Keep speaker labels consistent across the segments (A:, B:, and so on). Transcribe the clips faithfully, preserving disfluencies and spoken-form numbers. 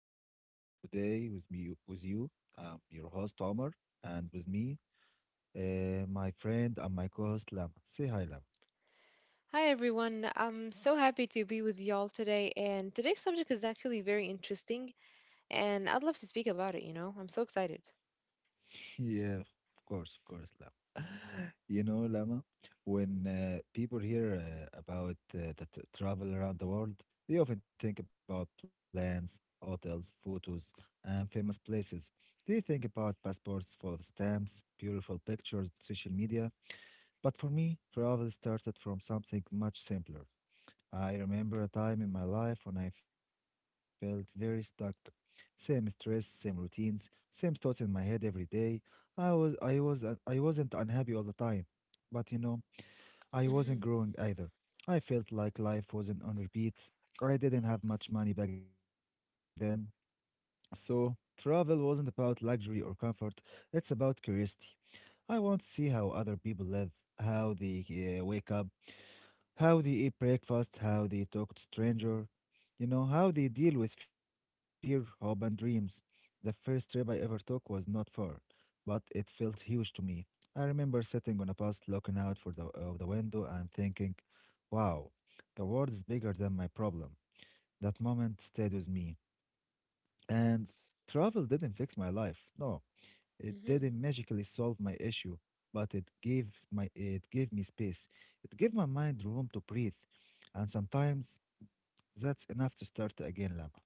A: podcast. Today, with me, with you, I'm your host Omar, and with me, uh, my friend and my co-host Lama. Say hi, Lama.
B: Hi everyone. I'm so happy to be with y'all today, and today's subject is actually very interesting and I'd love to speak about it, you know. I'm so excited.
A: Yeah, of course, of course, Lama. You know, Lama, when uh, people hear uh, about uh, the tr travel around the world, they often think about plans, hotels, photos, and famous places. They think about passports full of stamps, beautiful pictures, social media. But for me, travel started from something much simpler. I remember a time in my life when I felt very stuck. Same stress, same routines, same thoughts in my head every day. I was I was uh, I wasn't unhappy all the time, but you know, I wasn't
B: Mhm.
A: growing either. I felt like life wasn't on repeat. I didn't have much money back then. So, travel wasn't about luxury or comfort. It's about curiosity. I want to see how other people live, how they uh, wake up, how they eat breakfast, how they talk to stranger, you know, how they deal with fear, hope, and dreams. The first trip I ever took was not far, but it felt huge to me. I remember sitting on a bus, looking out for the of the window, and thinking, "Wow, the world is bigger than my problem." That moment stayed with me, and travel didn't fix my life. No, it
B: Mhm.
A: didn't magically solve my issue, but it gave my it gave me space. It gave my mind room to breathe. And sometimes that's enough to start again, Lama.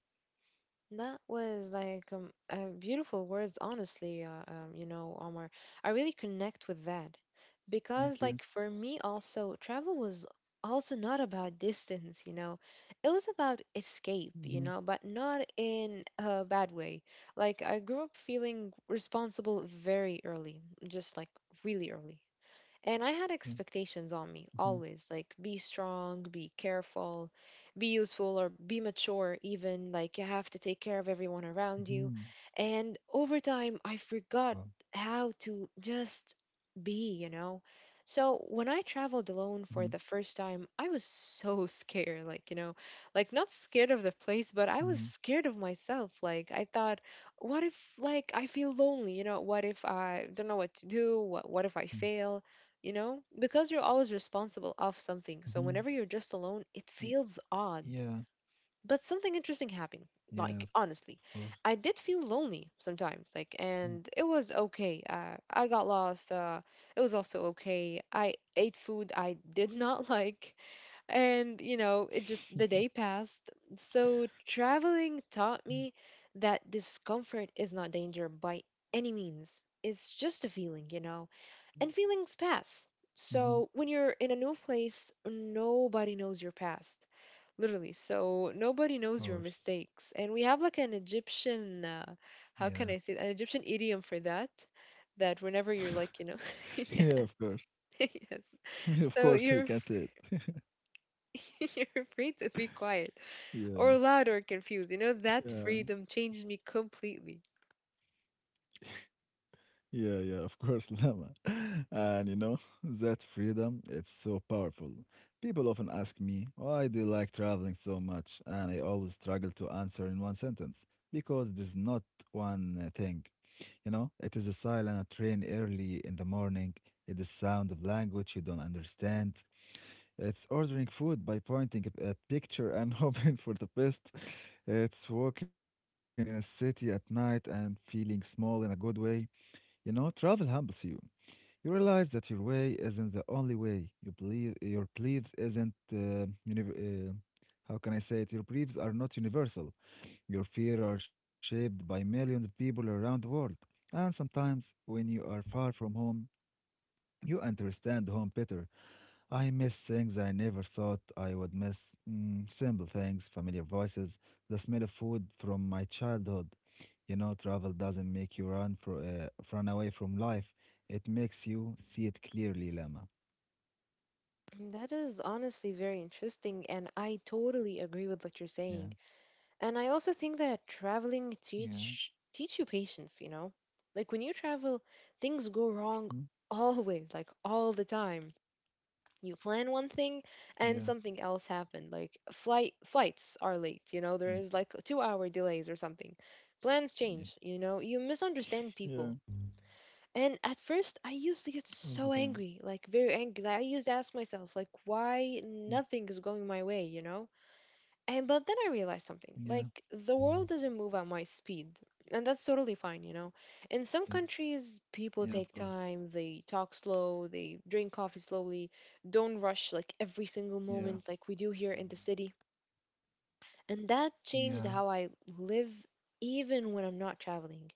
B: That was like um, uh, beautiful words, honestly, uh, um, you know, Omar. I really connect with that
A: Thank you.
B: because, like, for me, also, travel was also not about distance, you know, it was about escape, you
A: Mm-hmm.
B: know, but not in a bad way. Like, I grew up feeling responsible very early, just like really early. And I
A: Yeah.
B: had expectations on me
A: Mm-hmm.
B: always, like be strong, be careful, be useful, or be mature, even like you have to take care of everyone around you.
A: Mm-hmm.
B: And over time, I forgot
A: Wow.
B: how to just be, you know? So when I traveled alone for
A: Mm-hmm.
B: the first time, I was so scared, like, you know, like not scared of the place, but I was
A: Mm-hmm.
B: scared of myself. Like, I thought, what if like I feel lonely, you know, what if I don't know what to do, what what if I fail? You know, because you're always responsible of something, so
A: Mm-hmm.
B: whenever you're just alone it
A: Y-
B: feels odd.
A: yeah.
B: But something interesting happened,
A: Yeah,
B: like,
A: of course.
B: honestly. I did feel lonely sometimes, like,
A: Mm-hmm.
B: and it was okay. uh, I got lost. Uh, it was also okay. I ate food I did not like. And you know, it just, the day passed. So traveling taught me that discomfort is not danger by any means. It's just a feeling, you know, and feelings pass. So
A: Of
B: when you're in a new place, nobody knows your past. Literally. So nobody knows your
A: course.
B: mistakes. And we have like an Egyptian, uh,
A: Yeah.
B: how can I say it? An Egyptian idiom for that. That whenever you're like, you know,
A: Yeah,
B: yeah,
A: of course.
B: yes.
A: Of course,
B: So
A: we can
B: you're
A: do it.
B: f- you're free to be quiet or
A: Yeah.
B: loud or confused. You know, that
A: Yeah.
B: freedom changed me completely.
A: Yeah, yeah, of course, Lama. And you know, that freedom, it's so powerful. People often ask me, why do you like traveling so much? And I always struggle to answer in one sentence because there's not one uh, thing. You know, it is a silent train early in the morning, it is sound of language you don't understand. It's ordering food by pointing at a picture and hoping for the best. It's walking in a city at night and feeling small in a good way. You know, travel humbles you. You realize that your way isn't the only way. You believe your beliefs isn't uh, univ- uh, how can I say it? Your beliefs are not universal. Your fear are shaped by millions of people around the world. And sometimes, when you are far from home, you understand home better. I miss things I never thought I would miss. Mm, simple things, familiar voices, the smell of food from my childhood. You know, travel doesn't make you run for uh, run away from life. It makes you see it clearly, Lama.
B: Mm, that is honestly very interesting, and I totally agree with what you're
A: Yeah,
B: saying. And I also think that
A: yeah,
B: traveling teach teach you patience, you know? Like when you travel, things go
A: mm,
B: wrong always, like all the time. You plan one thing
A: yeah,
B: and something else happened. Like flight flights are late, you know,
A: yeah,
B: there is like two-hour delays or something.
A: yeah,
B: Plans change, you know, you misunderstand
A: yeah,
B: people. And at first, I used to get
A: all the
B: so
A: time.
B: angry, like very angry. Like I used to ask myself, like, why
A: Mm,
B: nothing is going my way, you know? And but then I realized something.
A: yeah,
B: Like the world doesn't move at my speed, and that's totally fine, you know. In some
A: yeah,
B: countries, people
A: yeah,
B: take
A: of course.
B: time, they talk slow, they drink coffee slowly, don't rush like every single
A: Yeah,
B: moment like we do here in the city. And that changed
A: yeah,
B: how I live even when I'm not traveling.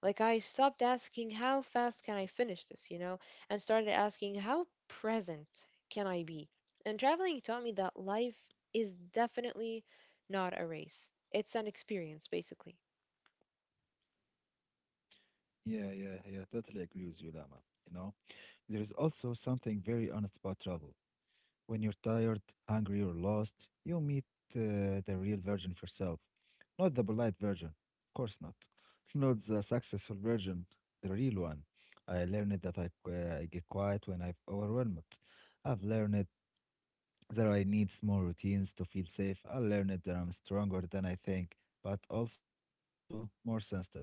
B: Like I stopped asking how fast can I finish this, you know, and started asking how present can I be. And traveling taught me that life is definitely not a race. It's an experience, basically.
A: yeah, yeah, yeah. Totally agree with you, Lama. You know, there is also something very honest about travel. When you're tired, hungry, or lost, you meet uh, the real version of yourself. Not the polite version, of course not. Not the successful version, the real one. I learned that I, qu- I get quiet when I've overwhelmed. I've learned that I need small routines to feel safe. I learned that I'm stronger than I think, but also more sensitive.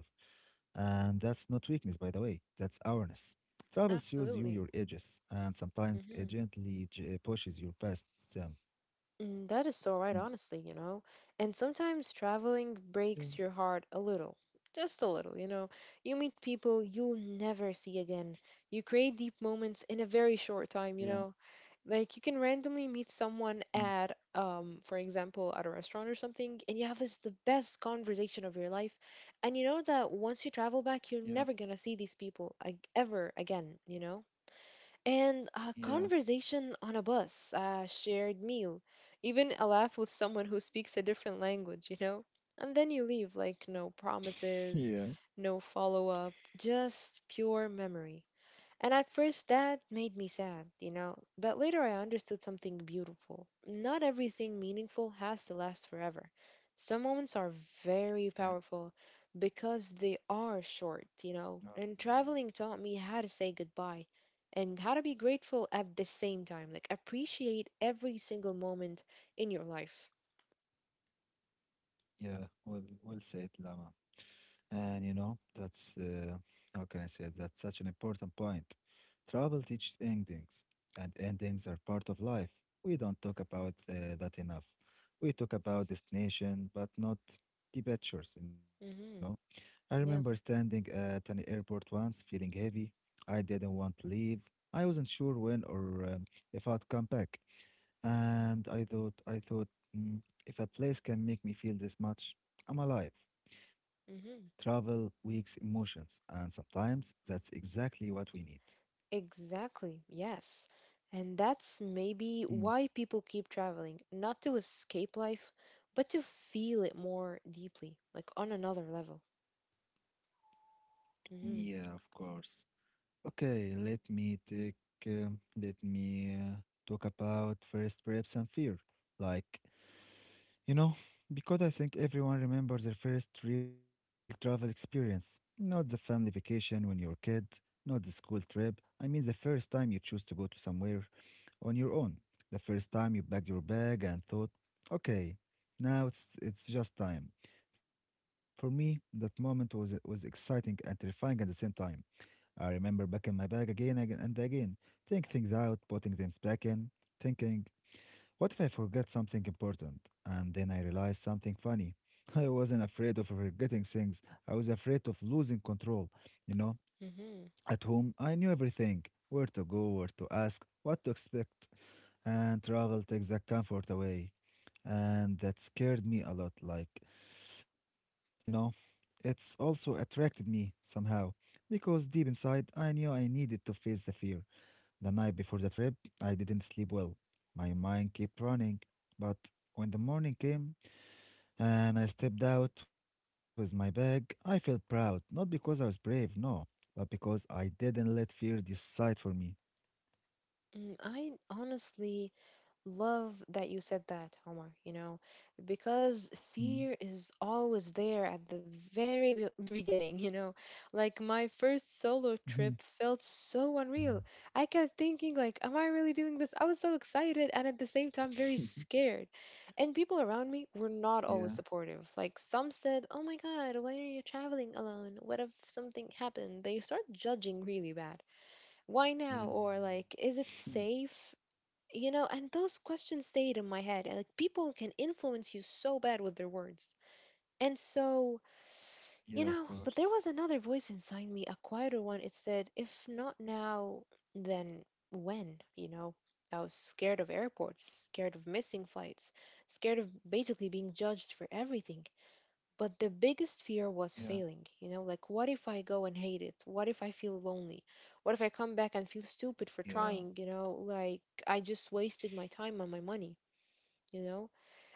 A: And that's not weakness, by the way, that's awareness. Travel shows you your
B: Absolutely.
A: edges, and sometimes it
B: Mhm.
A: gently j- uh, pushes your past them.
B: Mm, that is so right, honestly, you know. And sometimes traveling
A: Mm,
B: breaks your heart a little, just a little, you know. You meet people you'll never see again. You create deep moments in a very
A: yeah,
B: short time, you know. Like you can randomly meet
A: yeah, mm,
B: someone at, um, for example, at a restaurant or something, and you have this the best conversation of your life, and you know that once you travel back, you're
A: yeah,
B: never gonna see these people like ever again, you know, and a
A: yeah,
B: conversation on a bus, a shared meal, even a laugh with someone who speaks a different language, you know? And then you leave, like, no
A: Yeah.
B: promises, no follow up, just pure memory. And at first that made me sad, you know, but later I understood something beautiful. Not everything meaningful has to last forever. Some moments are very
A: yeah.
B: powerful because they are short,
A: uh,
B: you know, and traveling taught me how to say goodbye and how to be grateful at the same time. Like, appreciate every single moment in your life.
A: Yeah, well, well said, Lama. And you know, that's uh, how can I say it? That's such an important point. Travel teaches endings, and endings are part of life. We don't talk about uh, that enough. We talk about destination, but not the pictures, you know.
B: Mm-hmm.
A: I remember standing
B: Yeah.
A: at an airport once, feeling heavy. I didn't want to leave. I wasn't sure when or um, if I'd come back. And I thought, I thought, mm, if a place can make me feel this much, I'm alive. Travel
B: Mm-hmm.
A: wakes emotions, and sometimes that's exactly what we need.
B: Exactly, yes. And that's
A: Mm,
B: maybe why people keep traveling, not to escape life, but to feel it more deeply, like on another level. Hmm.
A: yeah, of course. Okay, let me take, um, let me uh, talk about first trips and fear. Like, you know, because I think everyone remembers their first real travel experience, not the family vacation when you were a kid, not the school trip. I mean, the first time you choose to go to somewhere on your own. The first time you packed your bag and thought, okay, now it's it's just time. For me, that moment was was exciting and terrifying at the same time. I remember packing my bag again, again and again, taking things out, putting things back in, thinking, what if I forget something important? And then I realized something funny. I wasn't afraid of forgetting things. I was afraid of losing control, you know?
B: Hmm.
A: At home, I knew everything where to go, where to ask, what to expect. And travel takes that comfort away. And that scared me a lot. Like, you know, it's also attracted me somehow. Because deep inside, I knew I needed to face the fear. The night before the trip, I didn't sleep well. My mind kept running. But when the morning came, and I stepped out with my bag. I felt proud, not because I was brave, no, but because I didn't let fear decide for me.
B: I honestly love that you said that, Omar, you know, because
A: Mhm,
B: fear is always there at the very be- beginning, you know. Like my first solo
A: mhm.
B: trip felt so unreal. I kept thinking like, am I really doing this? I was so excited and at the same time very scared. And people around me were not always
A: Yeah,
B: supportive. Like some said, "Oh my God, why are you traveling alone? What if something happened?" They start judging really bad.
A: yeah,
B: Why now? Or like, is it safe? You know, and those questions stayed in my head. And like people can influence you so bad with their words. And so,
A: yeah, of
B: you
A: course.
B: know, but there was another voice inside me, a quieter one. It said, if not now, then when? You know, I was scared of airports, scared of missing flights, scared of basically being judged for everything. But the biggest fear was
A: Yeah,
B: failing. You know, like what if I go and hate it? What if I feel lonely? What if I come back and feel stupid for
A: yeah,
B: trying? You know, like I just wasted my time and my money, you know?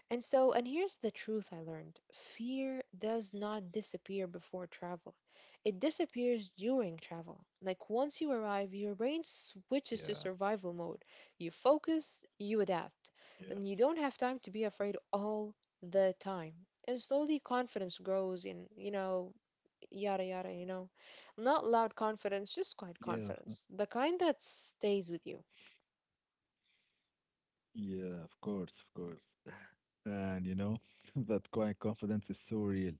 B: And so, and here's the truth I learned: fear does not disappear before travel, it disappears during travel. Like, once you arrive, your brain
A: yeah,
B: switches to survival mode. You focus, you adapt,
A: yeah,
B: and you don't have time to be afraid all the time. And slowly confidence grows in, you know, yada yada, you know. Not loud confidence, just quiet
A: yeah,
B: confidence. The kind that stays with you.
A: yeah, of course, of course. And you know, that quiet confidence is so real.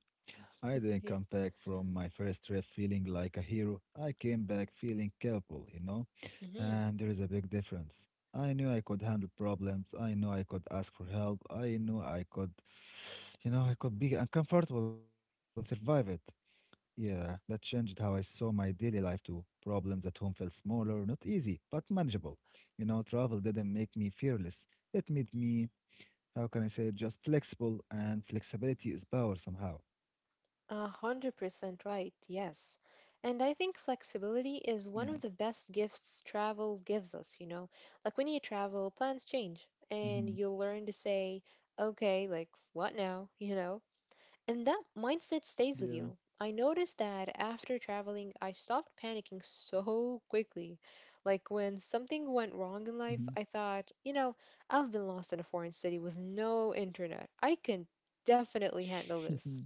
A: I didn't come back from my first trip feeling like a hero. I came back feeling capable, you know?
B: Hmm.
A: And there is a big difference. I knew I could handle problems. I knew I could ask for help. I knew I could, you know, I could be uncomfortable and survive it. Yeah, that changed how I saw my daily life too. Problems at home felt smaller, not easy, but manageable. You know, travel didn't make me fearless. It made me how can I say it, just flexible, and flexibility is power somehow.
B: A hundred percent right, yes. And I think
A: Yeah.
B: flexibility is one of the best gifts travel gives us, you know. Like when you travel, plans change
A: Mm-hmm.
B: and you learn to say, okay, like what now, you know? And that mindset
A: Yeah.
B: stays with you. I noticed that after traveling, I stopped panicking so quickly. Like when something went wrong in life, I thought, you know, I've been lost in a foreign city with no internet. I can definitely handle this.
A: Mm-hmm.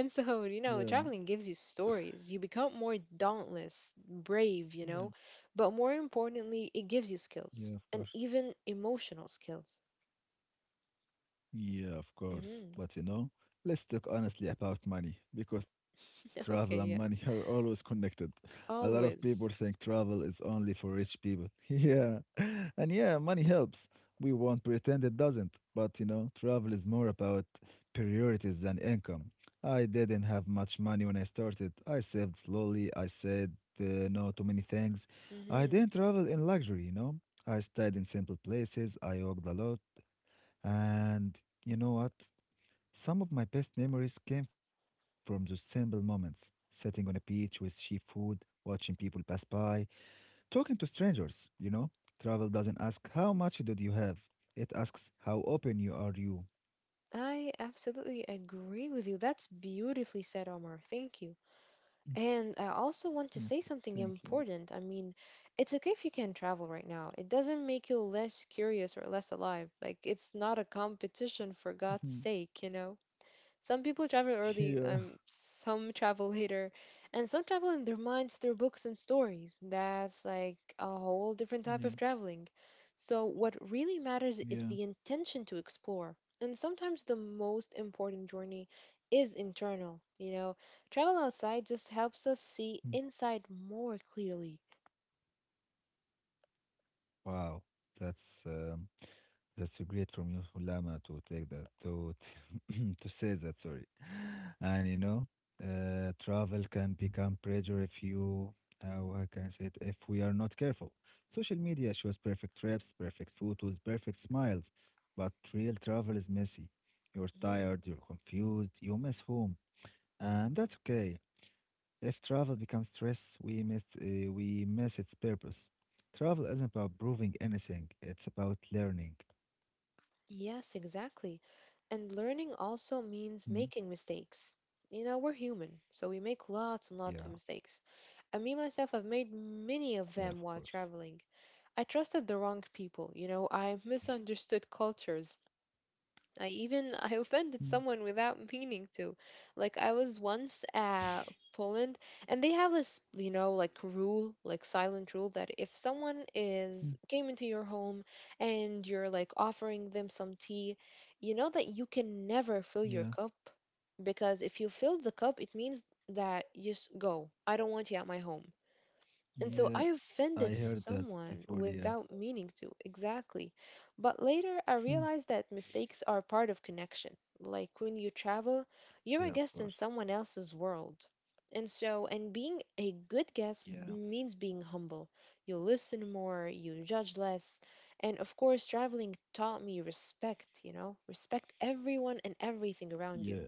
A: Yeah.
B: so, you know, traveling gives you stories. You become more dauntless,
A: Yeah.
B: brave, you know, but more importantly, it gives you
A: Yeah, of
B: skills
A: course.
B: and even emotional skills.
A: Yeah, of course.
B: Hmm.
A: But you know, let's talk honestly about money because travel and money are
B: Okay, yeah,
A: always connected. A lot of people think
B: always.
A: travel is only for rich people. Yeah. And yeah, money helps. We won't pretend it doesn't. But you know, travel is more about priorities than income. I didn't have much money when I started. I saved slowly. I said uh, no to many things. I
B: Hmm.
A: didn't travel in luxury, you know. I stayed in simple places. I walked a lot. And you know what? Some of my best memories came from those simple moments, sitting on a beach with cheap food, watching people pass by, talking to strangers, you know? Travel doesn't ask how much did you have. It asks how open you are you.
B: I absolutely agree with you. That's beautifully said, Omar. Thank you.
A: Mm,
B: And I
A: yeah,
B: also
A: th-
B: want to say
A: thank you.
B: something important. I mean, it's okay if you can travel right now. It doesn't make you less curious or less alive. Like, it's not a competition, for
A: Mhm.
B: God's sake, you know? Some people travel early,
A: Yeah,
B: um, some travel later, and some travel in their minds through books and stories. That's like a whole different type
A: yeah,
B: of traveling. So, what really matters is
A: yeah.
B: the intention to explore. And sometimes the most important journey is internal. You know, travel outside just helps
A: Mm.
B: us see inside more clearly.
A: Wow, that's um, That's so great from you, Lama, to take that to t- to say that. Sorry, and you know, uh, travel can become pressure if you how I can I say it if we are not careful. Social media shows perfect trips, perfect photos, perfect smiles, but real travel is messy. You're tired, you're confused, you miss home, and that's okay. If travel becomes stress, we miss uh, we miss its purpose. Travel isn't about proving anything; it's about learning.
B: Yes, exactly. And learning also means
A: Hmm?
B: making mistakes. You know, we're human, so we make
A: Yeah,
B: lots and lots of mistakes. And me myself, I've made
A: yeah, of
B: many of
A: course.
B: them while traveling. I trusted the wrong people, you know, I misunderstood cultures, I even I offended
A: Mm,
B: someone without meaning to. Like I was once at Poland and they have this, you know, like rule, like silent rule that if someone
A: mm,
B: is came into your home and you're like offering them some tea, you know that you can never fill
A: yeah,
B: your cup, because if you fill the cup, it means that you just go. I don't want you at my home. And so I
A: yeah,
B: offended
A: I heard that
B: someone
A: before. Yeah,
B: without meaning to, exactly. But later I
A: mm,
B: realized that mistakes are part of connection. Like when you travel, you're a
A: yeah, of
B: guest in
A: course.
B: someone else's world. And so, and being a good
A: Yeah,
B: guest means being humble. You listen more, you judge less. And of course, traveling taught me respect, you know, respect everyone and everything around you.
A: yeah,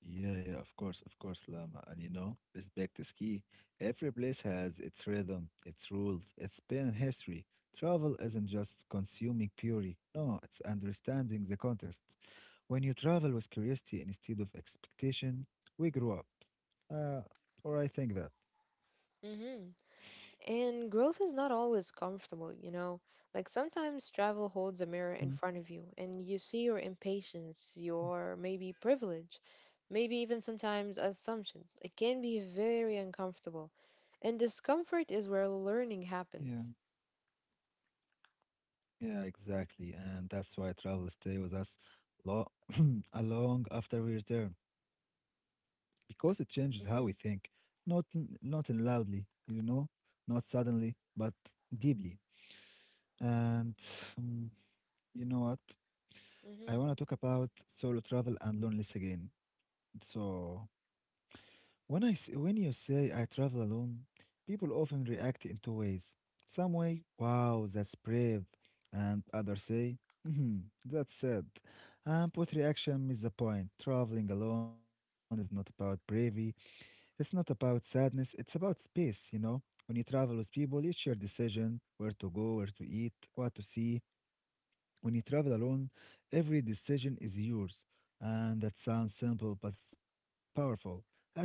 A: yeah, yeah, of course, of course, Lama. And you know, respect is key. Every place has its rhythm, its rules, its pain and history. Travel isn't just consuming purely, no, it's understanding the context. When you travel with curiosity instead of expectation, we grow up. Uh, or I think that.
B: Hmm. And growth is not always comfortable, you know? Like sometimes travel holds a mirror in
A: Mm,
B: front of you and you see your impatience, your maybe privilege, maybe even sometimes assumptions. It can be very uncomfortable. And discomfort is where learning
A: yeah.
B: happens.
A: Yeah, exactly. And that's why travel stay with us lo a long after we return because it changes how we think,
B: Hmm.
A: not n- not in loudly, you know, not suddenly, but deeply. And um, you know what? I
B: Hmm.
A: want to talk about solo travel and loneliness again. So, When I s- when you say I travel alone, people often react in two ways. Some way, wow, that's brave, and others say, hmm, that's sad. And both reaction is the point. Traveling alone is not about bravery. It's not about sadness. It's about space. You know, when you travel with people, it's your decision where to go, where to eat, what to see. When you travel alone, every decision is yours. And that sounds simple, but it's powerful. At first,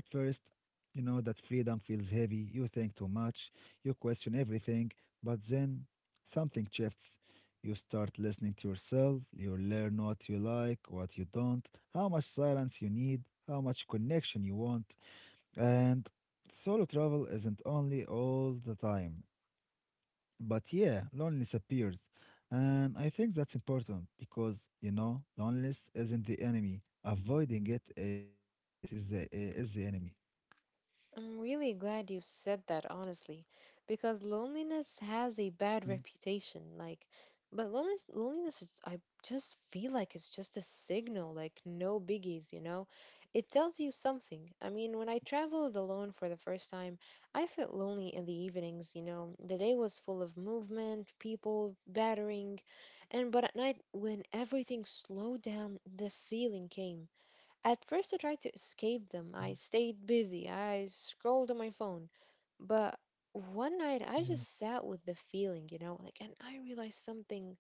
A: you know that freedom feels heavy. You think too much. You question everything. But then something shifts. You start listening to yourself. You learn what you like, what you don't, how much silence you need, how much connection you want. And solo travel isn't only all the time, but yeah, loneliness appears. And I think that's important because, you know, loneliness isn't the enemy. Avoiding it, it is the, uh, is the enemy.
B: I'm really glad you said that, honestly, because loneliness has a
A: Mhm.
B: bad reputation. Like, but loneliness, loneliness is, I just feel like it's just a signal, like, no biggies, you know? It tells you something. I mean, when I traveled alone for the first time, I felt lonely in the evenings, you know? The day was full of movement, people, battering, and but at night, when everything slowed down, the feeling came. At first, I tried to escape them. I stayed busy. I scrolled on my phone. But one night, I
A: Yeah,
B: just sat with the feeling, you know, like, and I realized something.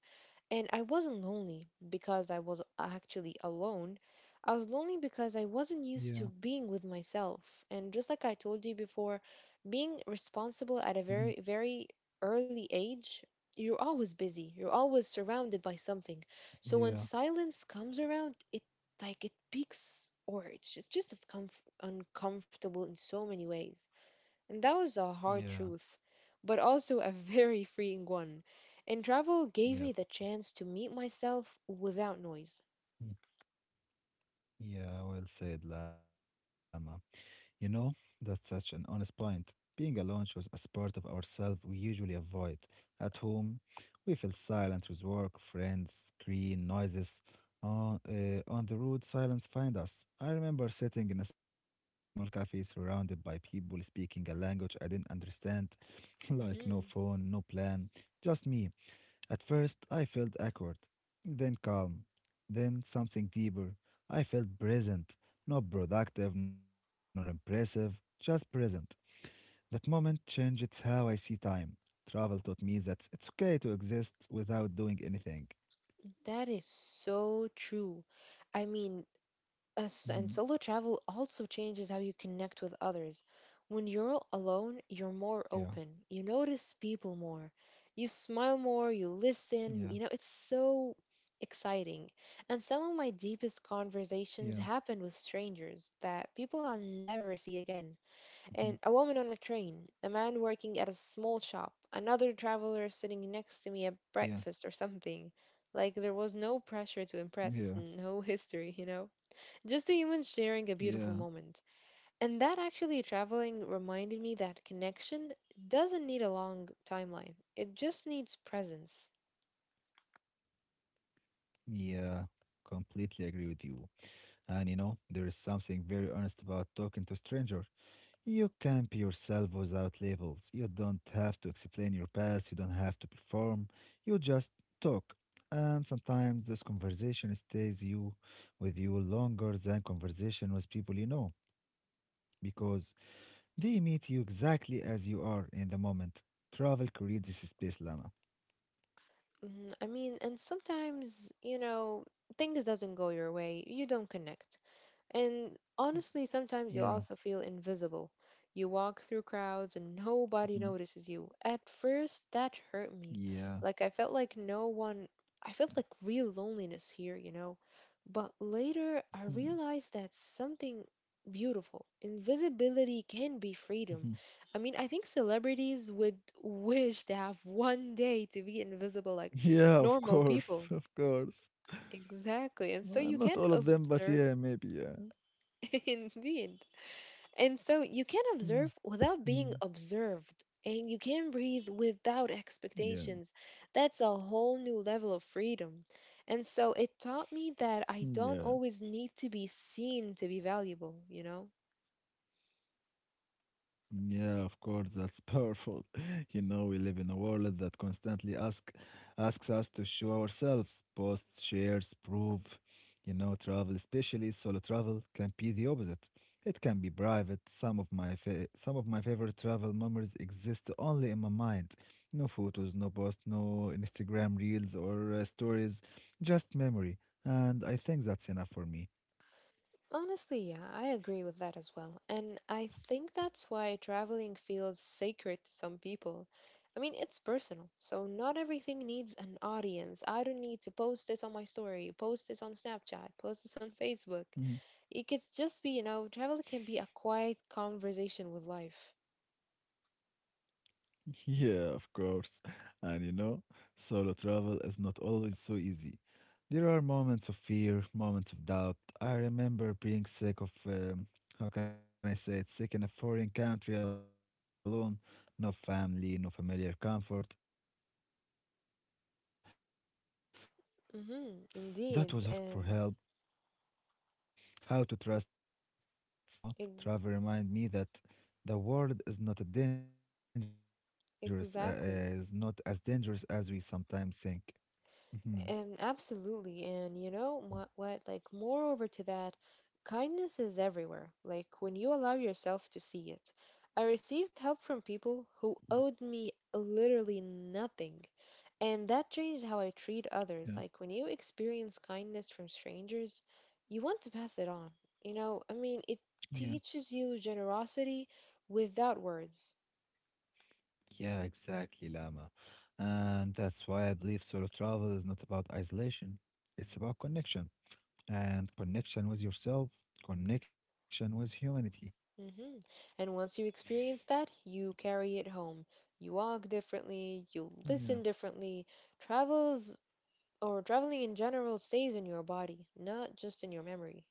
B: And I wasn't lonely because I was actually alone. I was lonely because I wasn't used
A: yeah,
B: to being with myself. And just like I told you before, being responsible at a
A: mhm,
B: very, very early age, you're always busy. You're always surrounded by something. So when
A: yeah,
B: silence comes around, it like it peaks, or it's just just as comf- uncomfortable in so many ways. And that was a hard truth,
A: yeah,
B: but also a very freeing one. And travel gave me the
A: yeah, of
B: chance to
A: course.
B: meet myself without noise.
A: Mm. Yeah, well said, Lama. You know, that's such an honest point. Being alone shows us part of ourselves we usually avoid. At home, we feel silent with work, friends, screen, noises. On, uh, on the road, silence find us. I remember sitting in a small cafe surrounded by people speaking a language I didn't understand, like no phone,
B: hmm
A: no plan, just me. At first, I felt awkward, then calm, then something deeper. I felt present, not productive nor impressive, just present. That moment changed how I see time. Travel taught me that it's okay to exist without doing anything.
B: That is so true. I mean, us and
A: hmm
B: solo travel also changes how you connect with others. When you're alone, you're more
A: Yeah,
B: open. You notice people more. You smile more, you
A: yeah,
B: listen. You know, it's so exciting. And some of my deepest conversations
A: yeah,
B: happen with strangers, that people I'll never see again.
A: mhm,
B: And a woman on a train, a man working at a small shop, another traveler sitting next to me at
A: yeah,
B: breakfast or something. Like there was no pressure to
A: yeah,
B: impress, no history, you know? Just the humans sharing a beautiful
A: yeah,
B: moment. And that actually traveling reminded me that connection doesn't need a long timeline, it just needs presence.
A: yeah. Completely agree with you. And you know, there is something very honest about talking to stranger. You can be yourself without labels. You don't have to explain your past. You don't have to perform. You just talk. And sometimes this conversation stays you with you longer than conversation with people you know because they meet you exactly as you are in the moment. Travel creates this space, Lama.
B: Mm, I mean, and sometimes, you know, things doesn't go your way. You don't connect. And
A: Y-
B: honestly, sometimes you
A: Yeah.
B: also feel invisible. You walk through crowds and nobody
A: Mhm.
B: notices you. At first, that hurt me.
A: Yeah.
B: Like I felt like no one, I felt like real loneliness here, you know. But later, I
A: Mhm.
B: realized that something beautiful. Invisibility can be freedom.
A: Mhm.
B: I mean, I think celebrities would wish to have one day to be invisible like
A: Yeah, of
B: normal
A: course.
B: people.
A: Of course.
B: Exactly. And so
A: Uh,
B: you
A: not
B: can
A: all of them, but
B: observe,
A: yeah, maybe. Yeah.
B: indeed. And so you can observe
A: Mhm.
B: without being observed, and you can breathe without
A: Yeah.
B: expectations. That's a whole new level of freedom. And so it taught me that I don't
A: Yeah,
B: always need to be seen to be valuable, you know?
A: yeah, of course, that's powerful. You know, we live in a world that constantly ask asks us to show ourselves, post, shares, prove. You know, travel, especially solo travel, can be the opposite. It can be private. Some of my fa some of my favorite travel memories exist only in my mind. No photos, no post, no Instagram reels or uh, stories, just memory. And I think that's enough for me.
B: Honestly, yeah, I agree with that as well. And I think that's why traveling feels sacred to some people. I mean, it's personal, so not everything needs an audience. I don't need to post this on my story, post this on Snapchat, post this on Facebook.
A: Mm-hmm.
B: It could just be, you know, travel can be a quiet conversation with life.
A: Yeah, of course. And you know, solo travel is not always so easy. There are moments of fear, moments of doubt. I remember being sick of, um, how can I say it, sick in a foreign country alone, no family, no familiar comfort. That was hard, but it also showed me my strengths. I
B: Mm-hmm,
A: learned how to
B: indeed,
A: ask for
B: and
A: help, how to trust strangers. Yeah, uh, most people
B: ex-
A: were kind, you know. Travel remind me that the world is not a dangerous, uh, uh,
B: exactly.
A: is not as dangerous as we sometimes think. Mhm.
B: Um, absolutely. And you know what, what? Like, moreover to that, kindness is everywhere. Like, when you allow yourself to see it. I received help from people who owed me literally nothing. And that changed how I treat others.
A: Yeah,
B: Like, when you experience kindness from strangers, you want to pass it on. You know, I mean, it
A: yeah,
B: teaches you generosity without words.
A: yeah, exactly, Lama. And that's why I believe solo travel is not about isolation. It's about connection and connection with yourself, connection with humanity.
B: hmm And once you experience that, you carry it home. You walk differently, you
A: Yeah,
B: listen differently. Travels or traveling in general stays in your body, not just in your memory.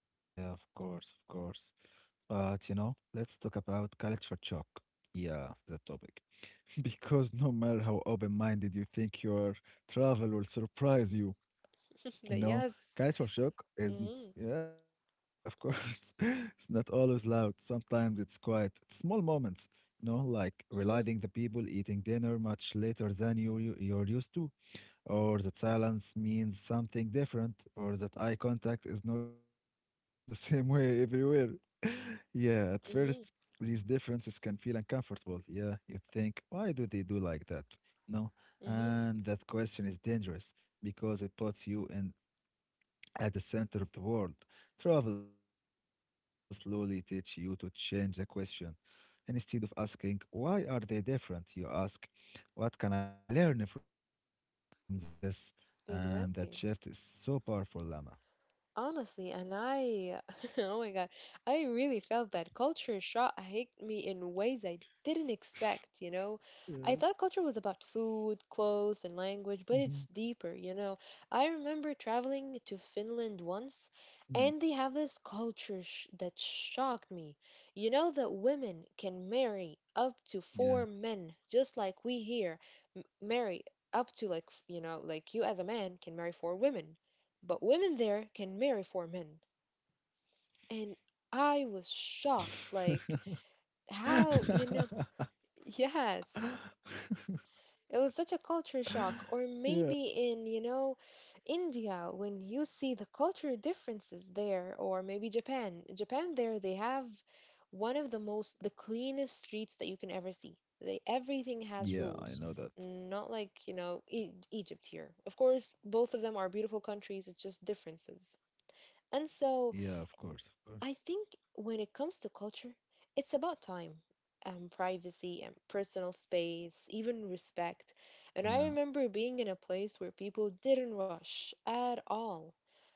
A: yeah, of course, of course. But you know, let's talk about culture shock. Yeah, that topic. Because no matter how open minded you think your travel will surprise you,
B: But yes.
A: you know, culture
B: Mm-hmm.
A: shock is, n- yeah, of course, it's not always loud. Sometimes it's quiet, it's small moments, you know, like
B: Mm-hmm.
A: realizing the people eating dinner much later than you, you, you're used to, or that silence means something different, or that eye contact is not the same way everywhere. yeah, at
B: Mm-hmm.
A: first, these differences can feel uncomfortable. Yeah, you think, why do they do like that? No,
B: Mm-hmm.
A: and that question is dangerous because it puts you in at the center of the world. Travel slowly teach you to change the question. Instead of asking, why are they different? You ask, what can I learn from this? And that shift is so powerful, Lama.
B: Exactly. Honestly, and I, oh my God, I really felt that culture shock hit me in ways I didn't
A: Yeah.
B: expect, you know. I thought culture was about food,
A: hmm
B: clothes, and language, but it's deeper, you know. I remember traveling to
A: Hmm,
B: Finland once, and they have this culture sh that shocked me. You know that women can marry
A: yeah.
B: up to four men, just like we here m marry up to like, f- you know, like you as a man can marry four women, but women there can marry for men. And I was shocked, like, how, you know, yes. It was such a culture shock. Or
A: Yeah.
B: maybe in, you know, India, when you see the culture differences there, or maybe Japan. Japan, there, they have one of the most, the cleanest streets that you can ever see. They, everything has rules.
A: Yeah, I know that.
B: Not like, you know, e- Egypt here. Of course, both of them are beautiful countries, it's just differences. And so
A: Yeah, of course, of
B: I
A: course.
B: think when it comes to culture, it's about time and privacy and personal space, even respect. And I remember
A: Yeah.
B: being in a place where people didn't rush at all.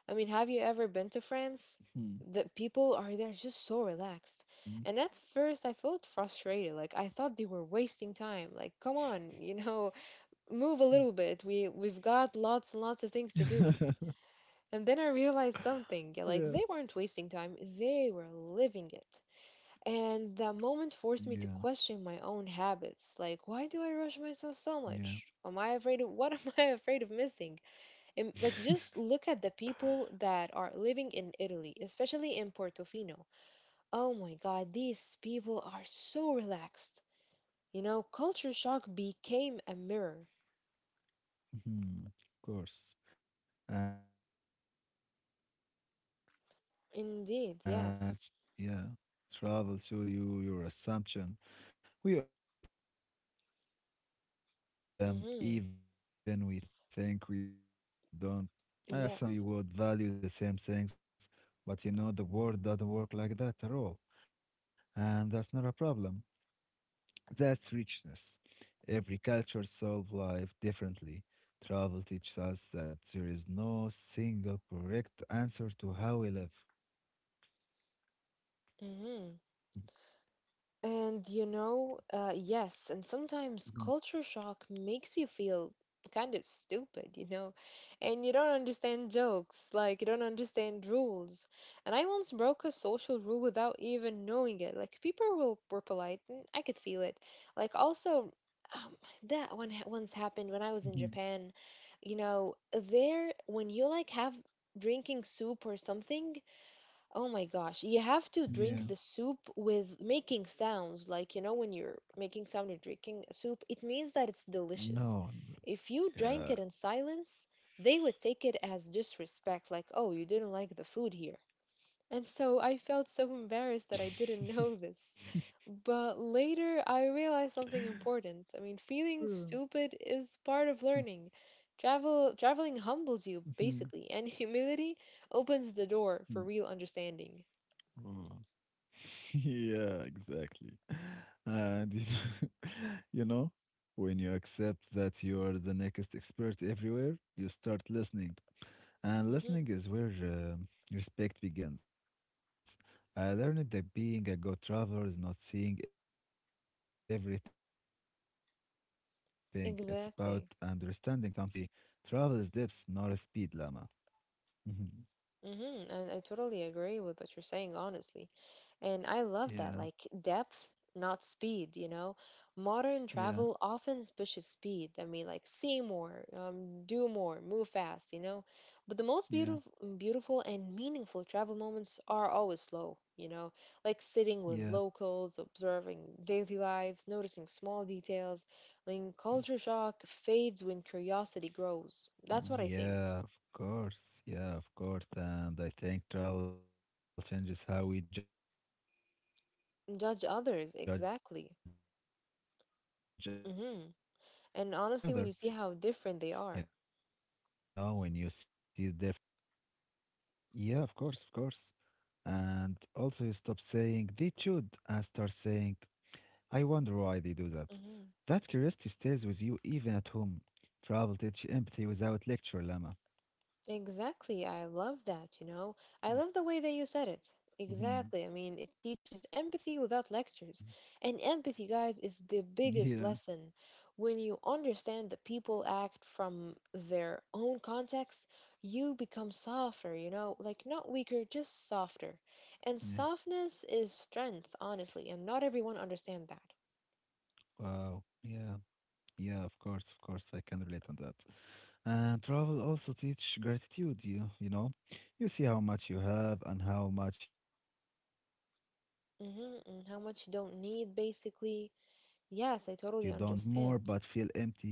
B: I mean, have you ever been to France?
A: Hmm,
B: The people are there just so relaxed.
A: hmm.
B: And at first, I felt frustrated. Like I thought they were wasting time. Like, come on, you know, move a little bit. We we've got lots and lots of things to do. And then I realized something, yeah, like they
A: Yeah.
B: weren't wasting time, they were living it. And that moment forced me to
A: Yeah,
B: question my own habits. Like, why do I rush myself so much?
A: yeah,
B: Am I afraid of what am I afraid of missing? Am- like, just look at the people that are living in Italy, especially in Portofino. Oh my God, these people are
A: yeah.
B: so relaxed. You know, culture shock
A: I love
B: became a
A: Italy, by the
B: mirror.
A: way. Yeah, mhm. Of course. And you know that mirror can be
B: Indeed, yes.
A: uncomfortable. Travel, ch- yeah, travel to you, your assumption. We all have them, even we think we
B: Mm-hmm.
A: don't. Uh, some people would behave the way I do,
B: Yes.
A: um, that we would value the same things, but you know the world doesn't work like that at all, and that's not a problem. That's richness. Every culture solves life differently. Travel teaches us that there is no single correct answer to how we live.
B: Mm-hmm. And you know, uh, yes, and sometimes
A: Mhm,
B: culture shock makes you feel kind of stupid, you know, and you don't understand jokes, like you don't understand rules. And I once broke a social rule without even knowing it. Like people were, were polite, and I could feel it. Like also, um, that one ha- once happened when I was in Japan.
A: mhm.
B: You know, there when you like have drinking soup or something. Oh my gosh, you have to drink
A: Yeah.
B: the soup with making sounds. Like, you know, when you're making sound, you're drinking a soup, it means that it's delicious.
A: No.
B: If you drank it in
A: Yeah.
B: silence, they would take it as disrespect, like, oh, you didn't like the food here. And so I felt so embarrassed that I didn't know this. But later I realized something important. I mean,
A: Mm,
B: feeling stupid is part of learning. Travel traveling humbles you
A: mhm,
B: basically, and humility opens the door
A: mm.
B: for real understanding.
A: Oh, yeah, exactly. And you know, you know, when you accept that you are the next expert everywhere, you start listening. And
B: Mhm,
A: listening is where uh, respect begins. I learned that being a good traveler is not seeing everything, it's about understanding something, even small things like
B: exactly.
A: gesture, habit, story. Travel is depth, not a speed, Lama.
B: hmm
A: Mhm.
B: I, I totally agree with what you're saying, honestly. And I love that, like, depth,
A: Yeah,
B: not speed, you know? Modern travel often
A: yeah,
B: pushes speed. I mean, like see more, um, do more, move fast, you know? But the most beautiful,
A: yeah,
B: beautiful and meaningful travel moments are always slow, you know? Like sitting with
A: yeah.
B: locals, observing daily lives, noticing small details. Like culture shock fades when curiosity grows.
A: y-
B: That's what I think.
A: Yeah, of course. Yeah, of course. And I think travel changes how we judge other. You know, when you see different life
B: Judge
A: can
B: others,
A: be
B: exactly.
A: mm, yeah, you know,
B: hmm
A: judgment becomes
B: And
A: harder.
B: honestly, when you see how
A: Uh,
B: different they are.
A: yeah, of course, of course. And also, you stop saying they should and start saying, I wonder why they do that. That curiosity stays
B: hmm
A: with you even at home. Travel teach empathy without lecture, Lama.
B: Exactly. I love that, you know.
A: Mm,
B: I love the way that you said it.
A: mhm.
B: Exactly. I mean, it teaches empathy without lectures. And empathy, guys, is the biggest
A: Yeah,
B: lesson. When you understand that people act from their own context, you become softer, you know, like not weaker, just softer. And
A: yeah.
B: softness is strength, honestly, and not everyone understands that.
A: Wow. Yeah, yeah, of course, of course, I can relate on that. And travel also teach gratitude, you, you know. You see how much you have and how much you don't need. Some people
B: Hmm
A: live
B: and
A: with
B: how
A: less
B: much you
A: but
B: don't need,
A: smile more.
B: basically.
A: Some have
B: Yes,
A: more
B: I
A: but
B: totally
A: feel
B: understand.
A: empty.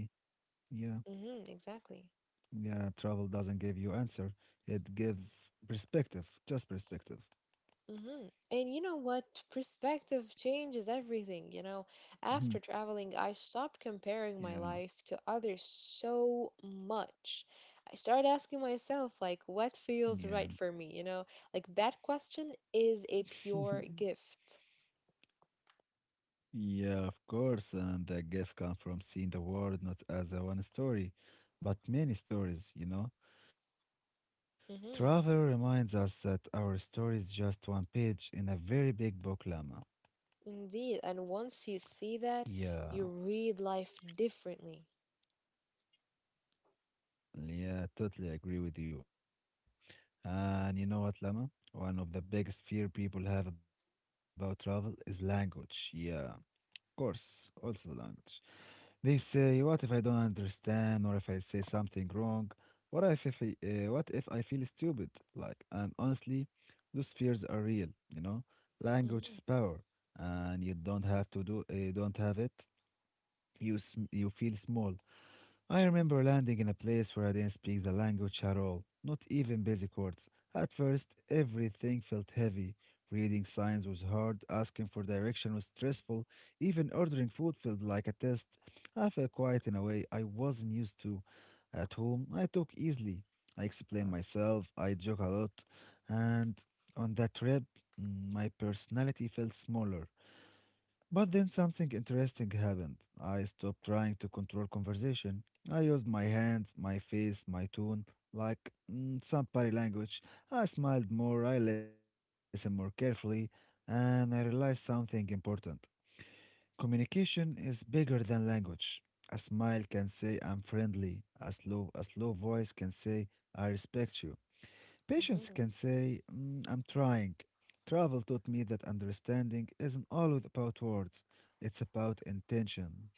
A: Yeah,
B: hmm Exactly.
A: yeah, travel doesn't give you answer. It gives perspective, just perspective.
B: hmm And you know what? Perspective changes everything, you know. After
A: Mhm.
B: traveling, I stopped comparing my life to
A: Yeah,
B: others so much. I started asking myself, like, what feels right for me, you
A: yeah.
B: know? Like, that question is a pure gift.
A: Yeah, of course, and the gift comes from seeing the world not as a one story, but many stories, you know
B: hmm
A: Travel reminds us that our story is just one page in a very big book, Lama.
B: Indeed. And once you see that, you
A: Yeah,
B: read life differently.
A: yeah, totally agree with you. And you know what, Lama? One of the biggest fear people have about travel is language. Yeah, of course, also the language. They say, "What if, I don't understand, or if I say something wrong? What if, if I, uh, what if I feel stupid?" Like, and honestly, those fears are real. You know, language
B: hmm
A: is power, and you don't have to do, uh, don't have it. You sm- you feel small. I remember landing in a place where I didn't speak the language at all, not even basic words. At first, everything felt heavy. Reading signs was hard, asking for direction was stressful, even ordering food felt like a test. I felt quiet in a way I wasn't used to. At home, I talk easily. I explain myself, I joke a lot, and on that trip, mm, my personality felt smaller. But then something interesting happened. I stopped trying to control conversation. I used my hands, my face, my tone, like mm, some body language. I smiled more, I listened more carefully, and I realized something important. Communication is bigger than language. A smile can say I'm friendly. A slow, a slow voice can say I respect you. Patients
B: hmm
A: can say, "Mm, I'm trying." Travel taught me that understanding isn't always about words, it's about intention.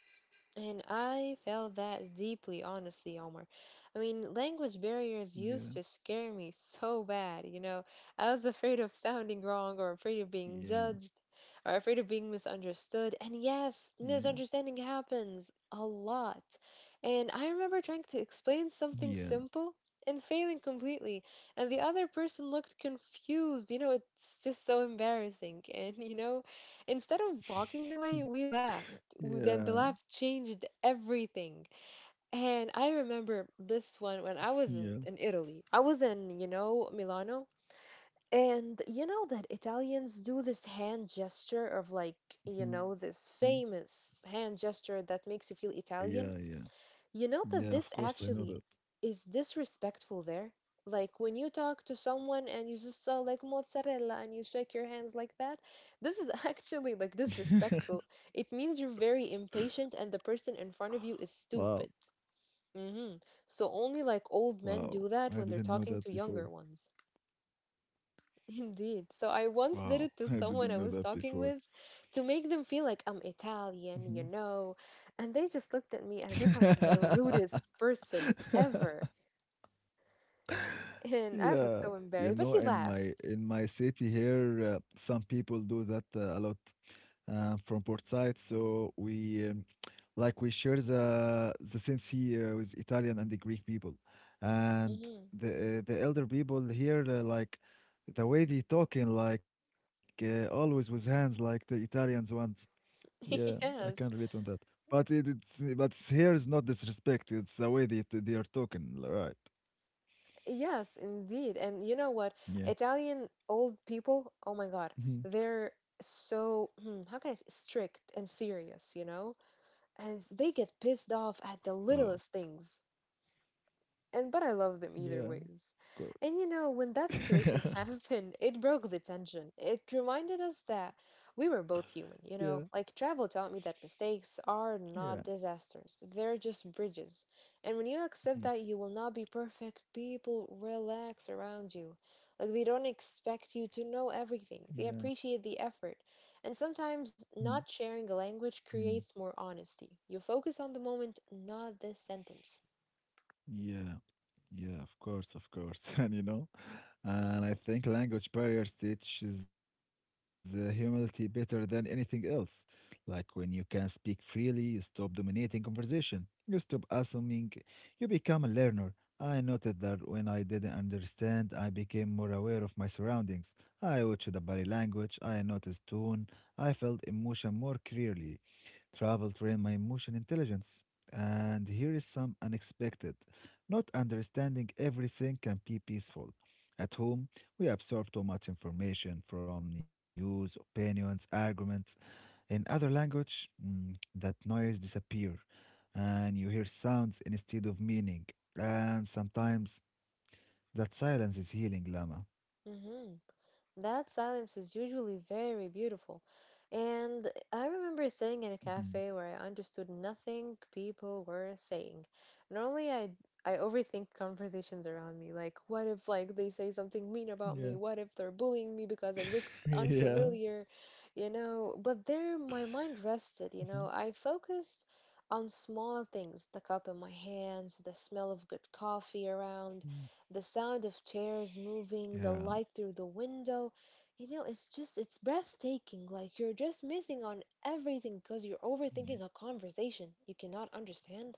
B: And I felt that deeply, honestly, Omar. I mean, language barriers used to
A: Yeah,
B: scare me so bad, you know. I was afraid of sounding wrong, or afraid
A: yeah,
B: of being judged, or afraid of being misunderstood. And
A: yeah,
B: yes, misunderstanding happens a lot. And I remember trying to explain something
A: yeah,
B: simple and failing completely. And the other person looked confused. You know, it's just so embarrassing. And, you know, instead of walking away, we laughed.
A: yeah,
B: W- Then the laugh changed everything. And I remember this one when I was
A: yeah.
B: in, in Italy. I was in, you know, Milano. And you know that Italians do this
A: Mhm.
B: hand gesture of like, you know, this famous hand
A: Of
B: gesture that
A: course.
B: makes you feel Italian.
A: Yeah,
B: You
A: yeah,
B: know that
A: yeah,
B: this
A: yeah.
B: actually is
A: Yeah, of course I know
B: disrespectful
A: that.
B: there? Like when you talk to someone and you just saw like mozzarella and you shake your hands like that, this is actually like disrespectful. It means you're very impatient and the person in front of you is stupid.
A: Wow,
B: hmm So only like old men do
A: wow.
B: that when they're
A: I
B: talking to
A: didn't know
B: younger
A: that
B: ones.
A: before.
B: Indeed. So I once did it to
A: Wow,
B: someone I
A: I
B: was
A: didn't know
B: talking
A: that
B: with,
A: before.
B: to make them feel like I'm Italian, you know, and they just looked at me as if I'm the
A: Mhm.
B: rudest person ever. And I was
A: Yeah,
B: so
A: you
B: embarrassed, but
A: know,
B: he
A: in
B: laughed.
A: my in my city here, uh, some people do that uh, a lot uh, from port side. So we um, like we share the the sensei uh, with Italian and the Greek people,
B: hmm
A: and the uh, the elder people here uh, like the way they talking like uh, always with hands like the Italians ones. Yeah,
B: Yes.
A: I can relate on that. But it, it's but here is not disrespect. It's the way they they are talking, right?
B: Yes, indeed. And you know what?
A: Yeah.
B: Italian old people, oh my
A: Mhm.
B: God, they're so, hmm, how can I say, strict and serious, you know? And s- they get pissed off at the
A: Wow.
B: littlest things. And but I love them
A: Yeah,
B: either ways.
A: of
B: And you know, when that situation
A: course.
B: happened, it broke the tension. It reminded us that we were both
A: Yeah,
B: human, you know? Like travel taught me that mistakes are
A: yeah,
B: not disasters. They're just bridges. And when you
A: mhm,
B: accept that you will not be perfect, people relax around you. Like they don't expect you to know
A: yeah,
B: everything. They appreciate the effort. And
A: mm,
B: sometimes not sharing a language
A: mm,
B: creates more honesty. You focus on the moment, not the sentence.
A: yeah, yeah, of course, of course. And you know, And I think language barriers teaches uh, humility better than anything else. Like when you can speak freely, you stop dominating conversation. You stop assuming. You become a learner. I noted that when I didn't understand, I became more aware of my surroundings. I watched the body language. I noticed tone. I felt emotion more clearly. Travel trained my emotion intelligence. And here is some unexpected. Not understanding everything can be peaceful. At home, we absorb too much information from news, opinions, arguments. In other language, mm, that noise disappear, and you hear sounds instead of meaning. And sometimes that silence is healing, Lama.
B: Mhm. That silence is usually very beautiful. And I remember sitting in a
A: Mhm.
B: cafe where I understood nothing people were saying. Normally I I overthink conversations around me, like what if like they say something mean about
A: Yeah.
B: me? What if they're bullying me because I look
A: Yeah.
B: unfamiliar, you know? But there my mind rested, you know.
A: Mhm.
B: I focused on small things, the cup in my hands, the smell of good coffee around,
A: Mm.
B: the sound of chairs moving, the
A: Yeah,
B: light through the window. You know, it's just, it's breathtaking. Like you're just missing on everything
A: yeah,
B: because you're overthinking a conversation you cannot understand.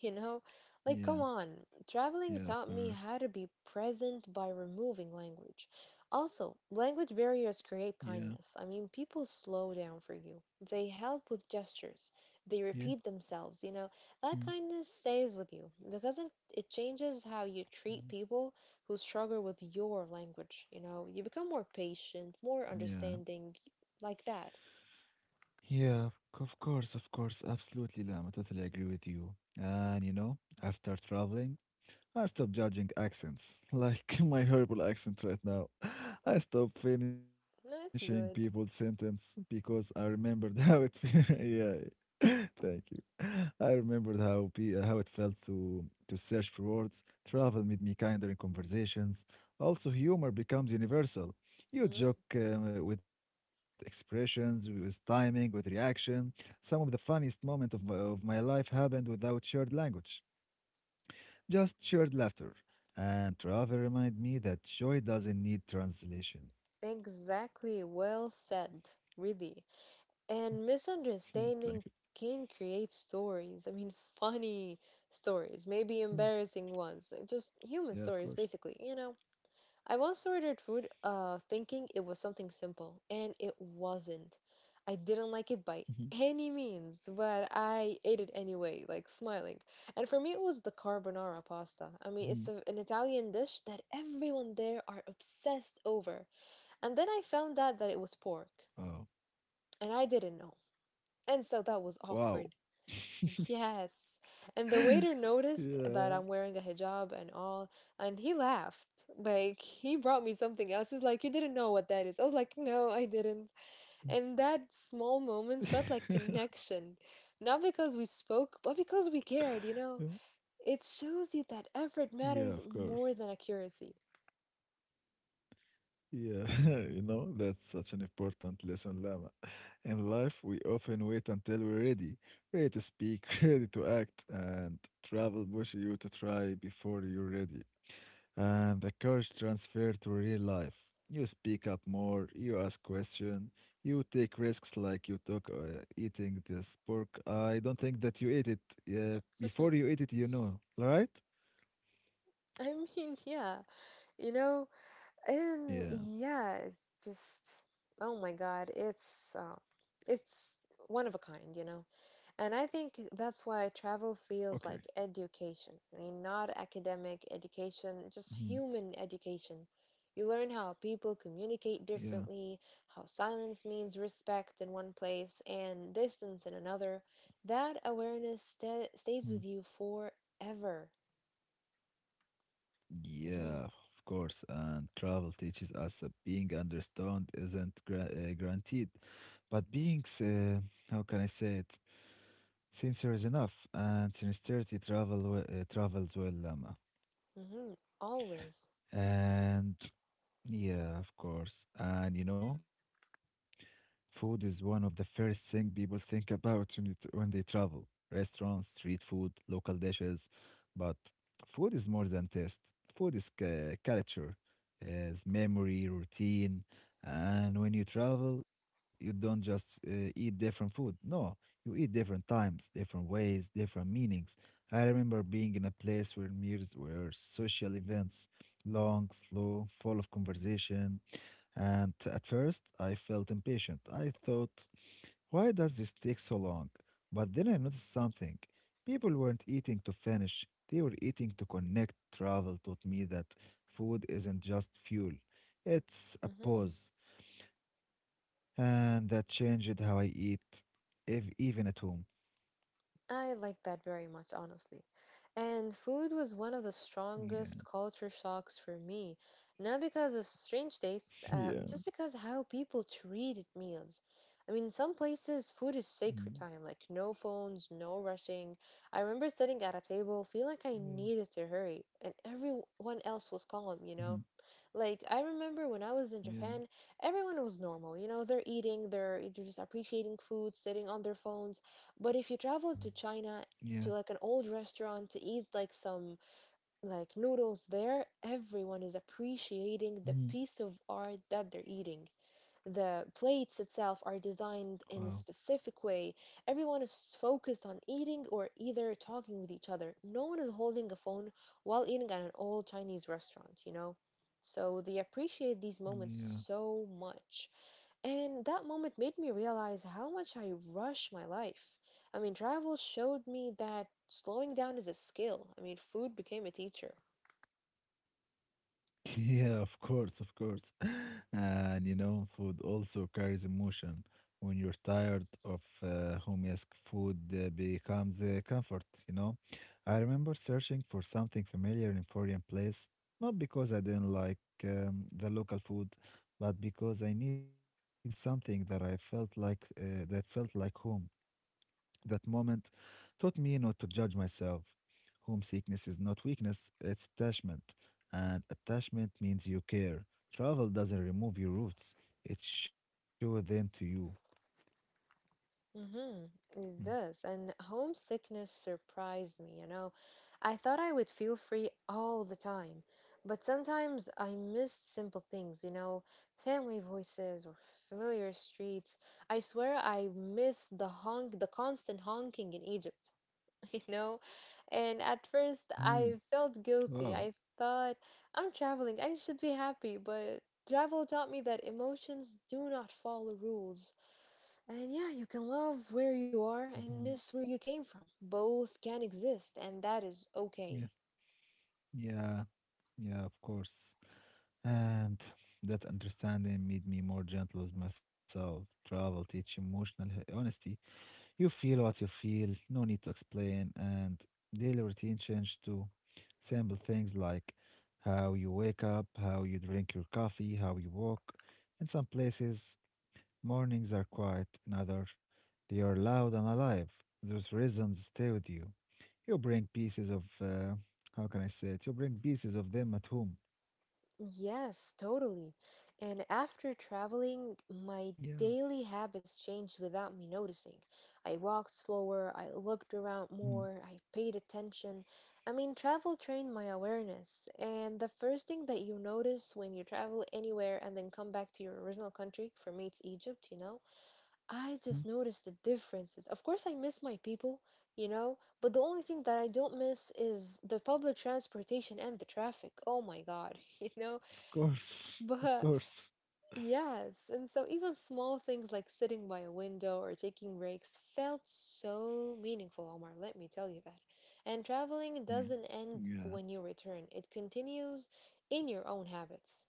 B: You know,
A: yeah,
B: like, come on.
A: yeah, of
B: Traveling taught
A: course.
B: me how to be present by removing language. Also, language barriers create
A: Yeah.
B: kindness. I mean, people slow down for you, they help with gestures, they
A: Yeah.
B: repeat themselves. You know,
A: Mm,
B: that kindness stays with you because it, it changes how you
A: mm.
B: treat people who struggle with your language. You know, you become more patient, more
A: Yeah.
B: understanding, like that.
A: Yeah, of, c- of course, of course, absolutely, Lam. I totally agree with you. And you know, after traveling, I stopped judging accents, like my horrible accent right now. I stopped finishing people's
B: That's good.
A: sentence because I remembered how it felt. yeah, thank you. I remembered how pe- how it felt to to search for words. Travel made me kinder in conversations. Also, humor becomes universal. You
B: Hmm.
A: joke uh, with expressions, with timing, with reaction. Some of the funniest moment of my, of my life happened without shared language. Just shared laughter. And travel remind me that joy doesn't need translation.
B: Exactly. Well said. Really. And
A: Hmm, Thank you.
B: misunderstanding can create stories. I mean, funny stories, maybe
A: Hmm,
B: embarrassing ones, uh, just human
A: Yeah, of
B: stories,
A: course.
B: basically, you know. I once ordered food uh, thinking it was something simple, and it wasn't. I didn't
A: Mhm,
B: like it by any means, but I ate it anyway, like smiling. And for me, it was the carbonara pasta.
A: mhm.
B: I mean, it's a, an Italian dish that everyone there are obsessed over. And then I found out that it was pork,
A: Oh,
B: and I didn't know. And so that was
A: wow.
B: awkward. Yes. And the waiter noticed that
A: Yeah.
B: I'm wearing a hijab and all, and he laughed. Like, he brought me something else. He's like, "You didn't know what that is." I was like, "No, I didn't." And that small moment felt like connection. Not because we spoke, but because we
A: Yeah,
B: cared, you know? It shows you that effort
A: Yeah, of
B: matters
A: course.
B: more than accuracy.
A: Yeah, you know, that's such an important lesson, Lama. In life, we often wait until we're ready, ready to speak, ready to act, and travel pushes you to try before you're ready. And the courage transfer to real life. You speak up more, you ask questions, you take risks like you took uh, eating this pork. I don't think that you ate it. Yeah, before you eat it, you know, right?
B: I mean, yeah, you know, and
A: Yeah.
B: yeah, it's just oh my God, it's uh, it's one of a kind, you know. And I think that's why
A: Okay.
B: travel feels like education. I mean, not academic education,
A: Mhm.
B: just human education. You learn how people communicate
A: Yeah.
B: differently, how silence means respect in one place and distance in another. That awareness sta
A: Mm.
B: stays with you forever.
A: Yeah,
B: Hmm.
A: of course. And travel teaches us that being understood isn't gra- uh, guaranteed, but being, s- uh, how can I say it? Sincere is enough, and sincerity travel we- uh, travels well, Lama.
B: Hmm. Always.
A: And yeah, of course. And you know, food is one of the first thing people think about when, it, when they travel. Restaurants, street food, local dishes. But food is more than taste. Food is cu- culture, is memory, routine. And when you travel, you don't just uh, eat different food. No, you eat different times, different ways, different meanings. I remember being in a place where meals were social events, long, slow, full of conversation. And at first, I felt impatient. I thought, why does this take so long? But then I noticed something. People weren't eating to finish, they were eating to connect. Travel taught me that food isn't just fuel, it's a
B: Hmm.
A: pause. And that changed how I eat, if, even at home.
B: I like that very much, honestly. And food was one of the
A: Yeah.
B: strongest culture shocks for me, not because of strange tastes, uh,
A: Yeah.
B: just because how people treated meals. I mean, some places food is sacred
A: Mm.
B: time, like no phones, no rushing. I remember sitting at a table, feeling like I
A: Yeah.
B: needed to hurry, and everyone else was calm, you know?
A: Mhm.
B: Like, I remember when I was in
A: Yeah.
B: Japan, everyone was normal, you know, they're eating, they're, they're just appreciating food, sitting on their phones but if you travel to
A: Mm-hmm.
B: China to
A: Yeah.
B: like an old restaurant to eat like some like noodles there, everyone is appreciating the
A: Mhm.
B: piece of art that they're eating. The plates itself are
A: Wow.
B: designed in a specific way. Everyone is focused on eating or either talking with each other. No one is holding a phone while eating at an old Chinese restaurant, you know? So they appreciate these moments
A: Yeah.
B: so much. And that moment made me realize how much I rush my life. I mean, travel showed me that slowing down is a skill. I mean, food became a teacher.
A: Yeah, of course, of course. And you know, food also carries emotion. When you're tired of uh, home, yes, food uh, becomes a comfort, you know. I remember searching for something familiar in foreign place, not because I didn't like um, the local food, but because I needed something that I felt like uh, that felt like home. That moment taught me not to judge myself. Homesickness is not weakness, it's attachment. And attachment means you care. Travel doesn't remove your roots, it shows them to you.
B: Mm-hmm, it does. And homesickness surprised me, you know. I thought I would feel free all the time, but sometimes I missed simple things, you know, family voices or familiar streets. I swear I missed the honk, the constant honking in Egypt. you know? And at first, I
A: Mhm.
B: felt guilty.
A: Wow.
B: I thought, I'm traveling, I should be happy, but travel taught me that emotions do not follow rules. And yeah, you can love where you are
A: Mhm.
B: and miss where you came from. Both can exist, and that is
A: Yeah.
B: okay.
A: Yeah. Yeah, of course. And that understanding made me more gentle with myself. Travel teach emotional h- honesty. You feel what you feel, no need to explain, and daily routine change to simple things like how you wake up, how you drink your coffee, how you walk. In some places, mornings are quiet, in others, they are loud and alive. Those rhythms stay with you. You bring pieces of, uh, how can I say it? You bring pieces of them at home.
B: Yes, totally. And after traveling,
A: Yeah.
B: my daily habits changed without me noticing. I walked slower, I looked
A: Mhm.
B: around more, I paid attention. I mean, travel trained my awareness. And the first thing that you notice when you travel anywhere and then come back to your original country, for me it's Egypt, you know, I just noticed the differences. Of course, I miss my people, you know, but the only thing that I don't miss is the public transportation and the traffic. Oh my God, you know?
A: Of course. Of
B: But
A: course.
B: yes, and so even small things like sitting by a window or taking breaks felt so meaningful, Omar, let me tell you that. And traveling
A: Yeah.
B: doesn't end
A: Yeah.
B: when you return, it continues in your own habits.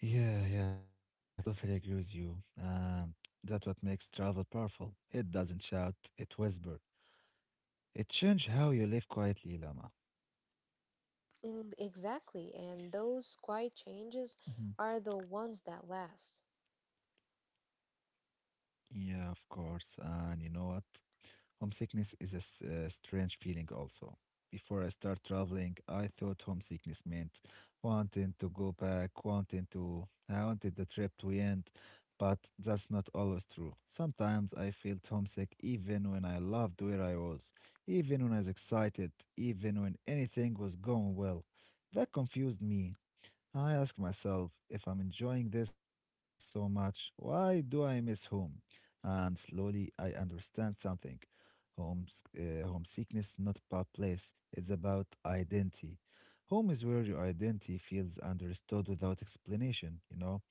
A: Yeah, yeah, totally agree with you. And that's what makes travel powerful. It doesn't shout, it whispers. It changes how you live quietly, Lama.
B: And exactly, and those quiet changes
A: Mhm.
B: are the ones that last.
A: Yeah, of course. And you know what? Homesickness is a s- uh, strange feeling also. Before I start traveling, I thought homesickness meant wanting to go back, wanting to, I wanted the trip to end, but that's not always true. Sometimes I felt homesick even when I loved where I was, even when I was excited, even when anything was going well. That confused me. I ask myself if I'm enjoying this so much, why do I miss home? And slowly I understand something. Home, uh, Homesickness is not about place, it's about identity. Home is where your identity feels understood without explanation, you know,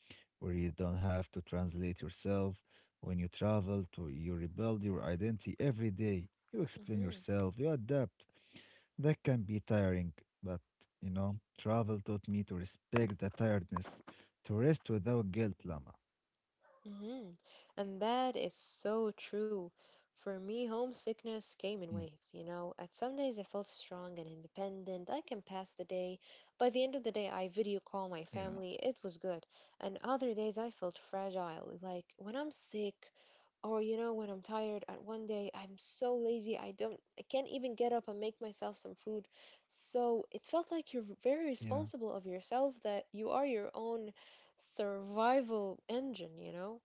A: where you don't have to translate yourself. When you travel, to, You rebuild your identity every day. You explain
B: Mhm.
A: yourself, you adapt, that can be tiring, but you know, travel taught me to respect the tiredness, to rest without guilt, Lama.
B: Mhm. And that is so true. For me, homesickness came in
A: Mm,
B: waves, you know. At some days I felt strong and independent. I can pass the day. By the end of the day, I video call my
A: Yeah,
B: family. It was good. And other days I felt fragile. Like when I'm sick or you know, when I'm tired and one day I'm so lazy I don't I can't even get up and make myself some food. So it felt like you're very
A: yeah,
B: responsible of yourself that you are your own survival engine, you know?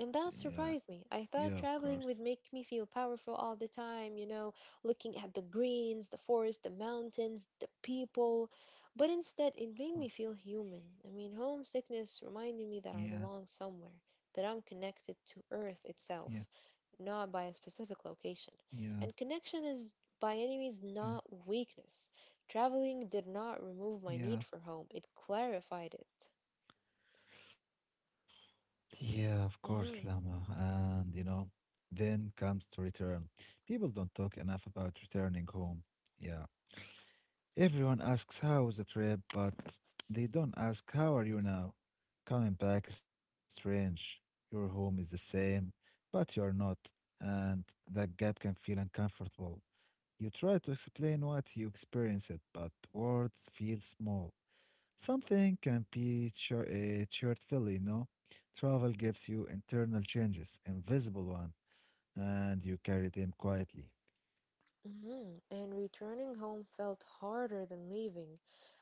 B: And that
A: yeah,
B: surprised me. I
A: yeah,
B: thought
A: of course.
B: traveling would make me feel powerful all the time, you know, looking at the greens, the forest, the mountains, the people. But instead, it made
A: Oh,
B: me feel human. I mean, homesickness reminded me that I
A: Yeah,
B: belong somewhere, that I'm connected to Earth itself,
A: yeah,
B: not by a specific location.
A: yeah,
B: And connection is by any means
A: yeah,
B: not weakness. Traveling did not remove my need
A: yeah,
B: for home, it clarified it.
A: yeah, of course, Lama.
B: Mhm.
A: And you know, then comes to return. People don't talk enough about returning home. Yeah. Everyone asks how was the trip, but they don't ask how are you now? Coming back is strange. Your home is the same, but you are not, and that gap can feel uncomfortable. You try to explain what you experienced, but words feel small. Something can be chur- uh, hurtful, you know? Travel gives you internal changes, invisible one, and you carry them quietly.
B: Mhm, and returning home felt harder than leaving.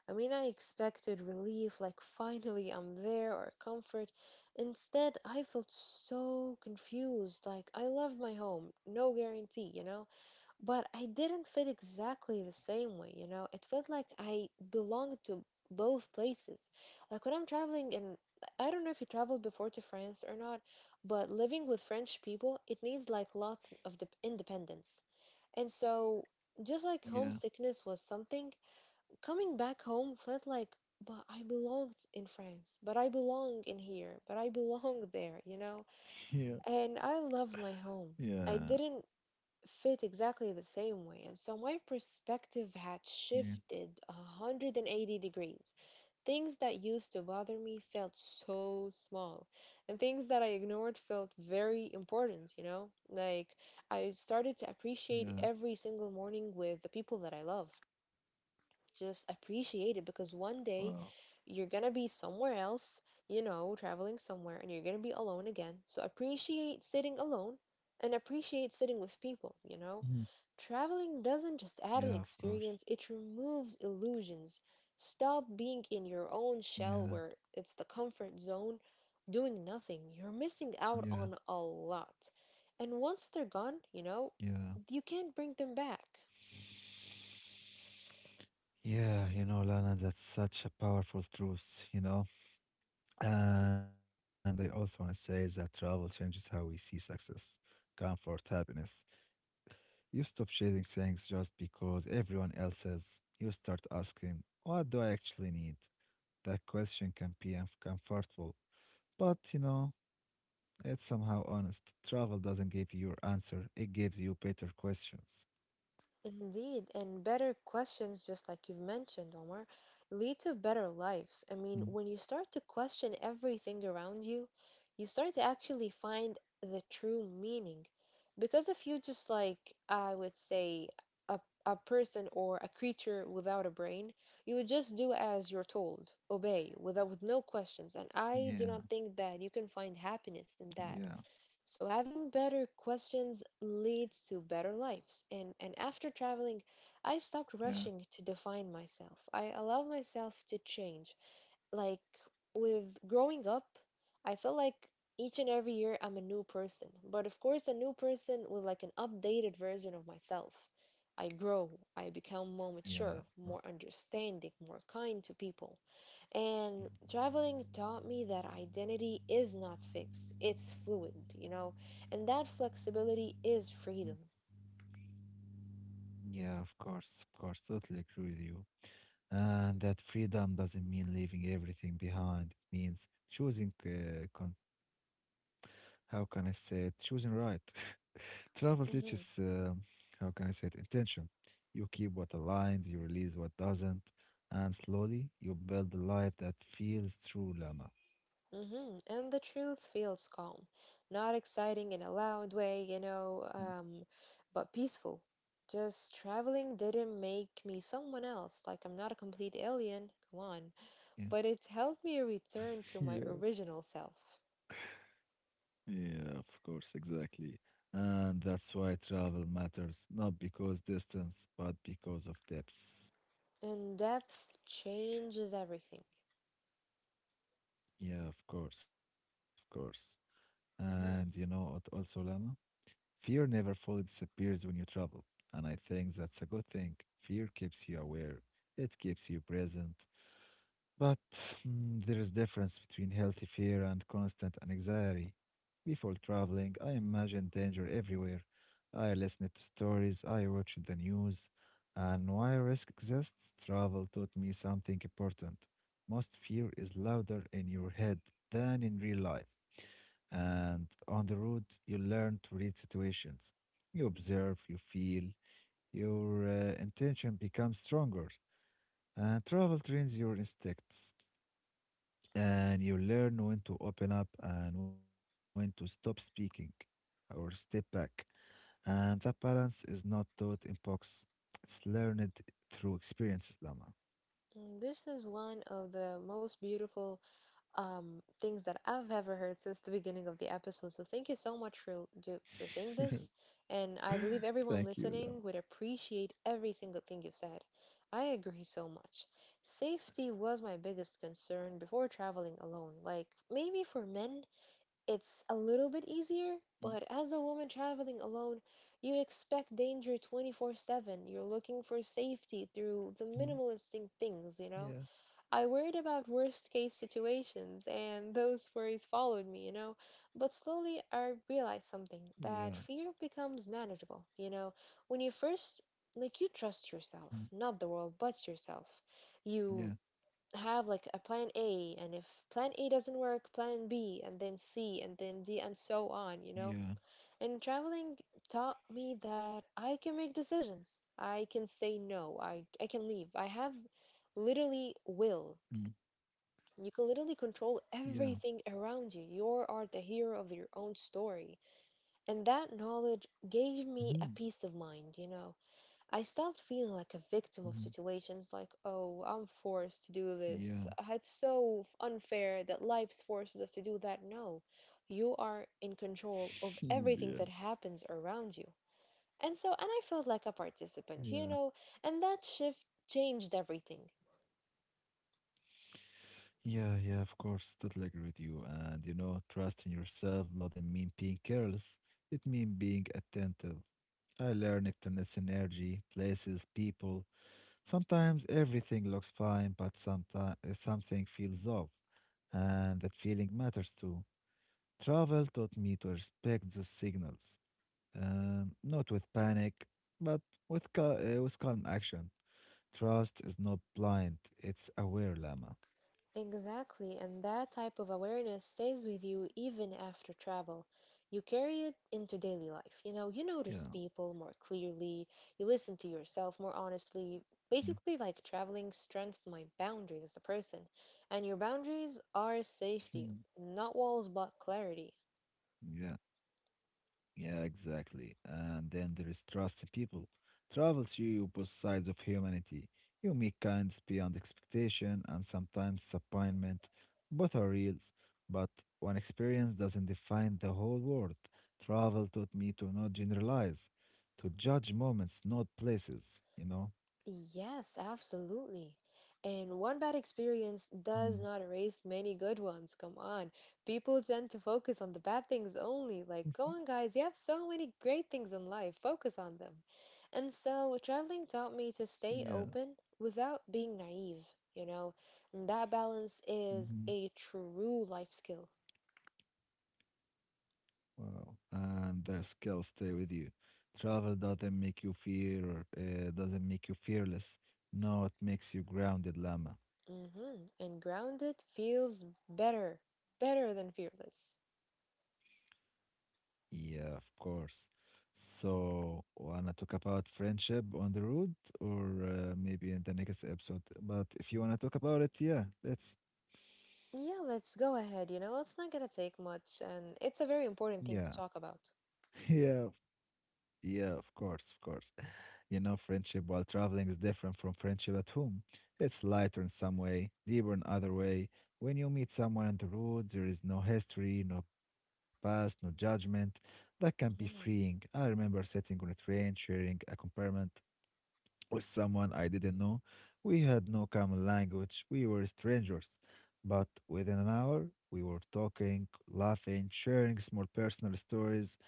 B: I mean, I expected relief, like finally I'm there, or comfort. Instead, I felt so confused, like I love my home, no guarantee, you know? But I didn't fit exactly the same way, you know? It felt like I belonged to both places. Like when I'm traveling, and I don't know if you traveled before to France or not, but living with French people, it needs like lots of de- independence. And so, just like
A: Yeah,
B: homesickness was something, coming back home felt like, but I belonged in France, but I belong in here, but I belong there, you know?
A: yeah,
B: And I love my home. I
A: yeah,
B: didn't fit exactly the same way. And so my perspective had
A: yeah,
B: shifted one hundred eighty degrees. Things that used to bother me felt so small, and things that I ignored felt very important, you know? Like, I started to
A: yeah.
B: appreciate every single morning with the people that I love. Just appreciate it because one
A: Wow.
B: day you're gonna be somewhere else, you know, traveling somewhere, and you're gonna be alone again. So appreciate sitting alone and appreciate sitting with people, you
A: Mhm.
B: know? Traveling doesn't just
A: Yeah,
B: add an
A: of course.
B: experience, it removes illusions. Stop being in your own
A: Yeah,
B: shell where it's the comfort zone, doing nothing. You're missing out
A: yeah,
B: on a lot. And once they're gone, you know,
A: yeah.
B: you can't bring them back.
A: Yeah, you know, Lana, that's such a powerful truth, you know. And I also want to say that travel changes how we see success, comfort, happiness. You stop chasing things just because everyone else is. You start asking, what do I actually need? That question can be uncomfortable, but you know, it's somehow honest. Travel doesn't give you your answer, it gives you better questions.
B: Indeed, and better questions, just like you've mentioned, Omar, lead to better lives. I
A: Mm,
B: mean, when you start to question everything around you, you start to actually find the true meaning. Because if you just like, I would say, a, a person or a creature without a brain, you would just do as you're told, obey, without with no questions. And I do
A: Yeah,
B: not think that you can find happiness
A: yeah,
B: in that. So, having better questions leads to better lives. And, and after traveling, I
A: yeah,
B: stopped rushing to define myself. I allowed myself to change. Like with growing up, I felt like each and every year I'm a new person. But of course, a new person with like an updated version of myself. I grow, I become more
A: yeah,
B: mature,
A: uh,
B: more understanding, more kind to people. And traveling taught me that identity is not fixed, it's fluid, you know, and that flexibility is freedom.
A: yeah, of course, of course, totally agree with you. And that freedom doesn't mean leaving everything behind, it means choosing, uh, con- how can I say it, choosing right. Travel teaches,
B: Hmm.
A: uh, how can I say it, intention. You keep what aligns, you release what doesn't, and slowly you build a life that feels true, Lama.
B: Hmm. And the truth feels calm, not exciting in a loud way, you
A: Mm,
B: know, um, but peaceful. Just traveling didn't make me someone else, like I'm not a complete alien, come on.
A: Yeah.
B: But it helped me return to
A: Yeah,
B: my original self.
A: yeah, of course, exactly. And that's why travel matters, not because distance, but because of depths.
B: And depth changes everything.
A: Yeah, of course, of course. And you know
B: Mm-hmm.
A: what also, Lama? Fear never fully disappears when you travel, and I think that's a good thing. Fear keeps you aware, it keeps you present. But mm, there is difference between healthy fear and constant anxiety. Before traveling, I imagined danger everywhere. I listened to stories, I watched the news, and while risk exists, travel taught me something important. Most fear is louder in your head than in real life. And on the road, you learn to read situations. You observe, you feel, your uh, intention becomes stronger. And travel trains your instincts. And you learn when to open up and when to stop speaking or step back. And that balance is not taught in books, it's learned through experiences, Lama.
B: Mm, this is one of the most beautiful um, things that I've ever heard since the beginning of the episode. So thank you so much for do- for saying this, and I believe
A: Thank you,
B: everyone
A: Lama.
B: listening would appreciate every single thing you said. I agree so much. Safety was my biggest concern before traveling alone. Like maybe for men, it's a little bit easier, but as a woman traveling alone, you expect danger twenty-four seven. You're looking for safety through the
A: Mhm.
B: minimalistic things, you know?
A: Yeah,
B: I worried about worst case situations, and those worries followed me, you know. But slowly I realized
A: yeah,
B: something that fear becomes manageable, you know. When you first, like, you trust
A: Mm.
B: yourself, not the world, but yourself.
A: yeah,
B: You have, like, a plan A, and if plan A doesn't work, plan B, and then C, and then D, and so on, you
A: yeah,
B: know. And traveling taught me that I can make decisions. I can say no. I, I can leave. I have literally will
A: Mm.
B: you can literally control
A: yeah.
B: everything around you. You are the hero of your own story. And that knowledge gave me a
A: Mhm.
B: peace of mind, you know. I stopped feeling like a victim of
A: Mhm.
B: situations like, oh, I'm forced to do
A: Yeah.
B: this. It's so unfair that life forces us to do that. No, you are in control
A: Yeah.
B: of everything that happens around you. And so, and I felt like a
A: Yeah.
B: participant, you know, and that shift changed everything.
A: Yeah. Yeah. Of course. Totally agree with you. And, you know, trusting yourself doesn't mean being careless. It means being attentive. I learned to notice energy, places, people. Sometimes everything looks fine, but sometimes something feels off. And that feeling matters too. Travel taught me to respect those signals, um, not with panic, but with, ca- uh, with calm action. Trust is not blind, it's aware, Lama.
B: Exactly, and that type of awareness stays with you even after travel. You carry it into daily life. You know,
A: Yeah.
B: you notice people more clearly, you listen to yourself more honestly. Basically, like traveling strengthened my boundaries as a person. And your boundaries are safety,
A: Mhm.
B: not walls, but clarity.
A: Yeah. Yeah, exactly. And then there is trust in people. Travel show you both sides of humanity. You meet kinds beyond expectation and sometimes disappointment. Both are reals, but one experience doesn't define the whole world. Travel taught me to not generalize, to judge moments, not places, you know?
B: Yes, absolutely. And one bad experience does
A: Mm.
B: not erase many good ones. Come on. People tend to focus on the bad things only. Like, go on, guys, you have so many great things in life. Focus on them. And so, traveling taught me to
A: Yeah.
B: stay open without being naive, you know? And that balance is
A: Mm-hmm.
B: a true life skill.
A: Wow. And their skills stay with you. Travel doesn't make you fear, uh, doesn't make you fearless. No, it makes you grounded, Lama.
B: hmm And grounded feels better, better than fearless.
A: Yeah, of course. So, wanna talk about friendship on the road, or uh, maybe in the next episode. But if you wanna talk about it, yeah, that's
B: Yeah, let's go ahead. You know, it's not gonna take much, and it's a very important thing
A: yeah,
B: to talk about.
A: yeah. Yeah, of course, of course. You know, friendship while traveling is different from friendship at home. It's lighter in some way, deeper in other way. When you meet someone on the road, there is no history, no past, no judgment. That can be freeing. I
B: Mhm.
A: remember sitting on a train, sharing a compartment with someone I didn't know. We had no common language. We were strangers. But within an hour, we were talking, laughing, sharing small personal stories.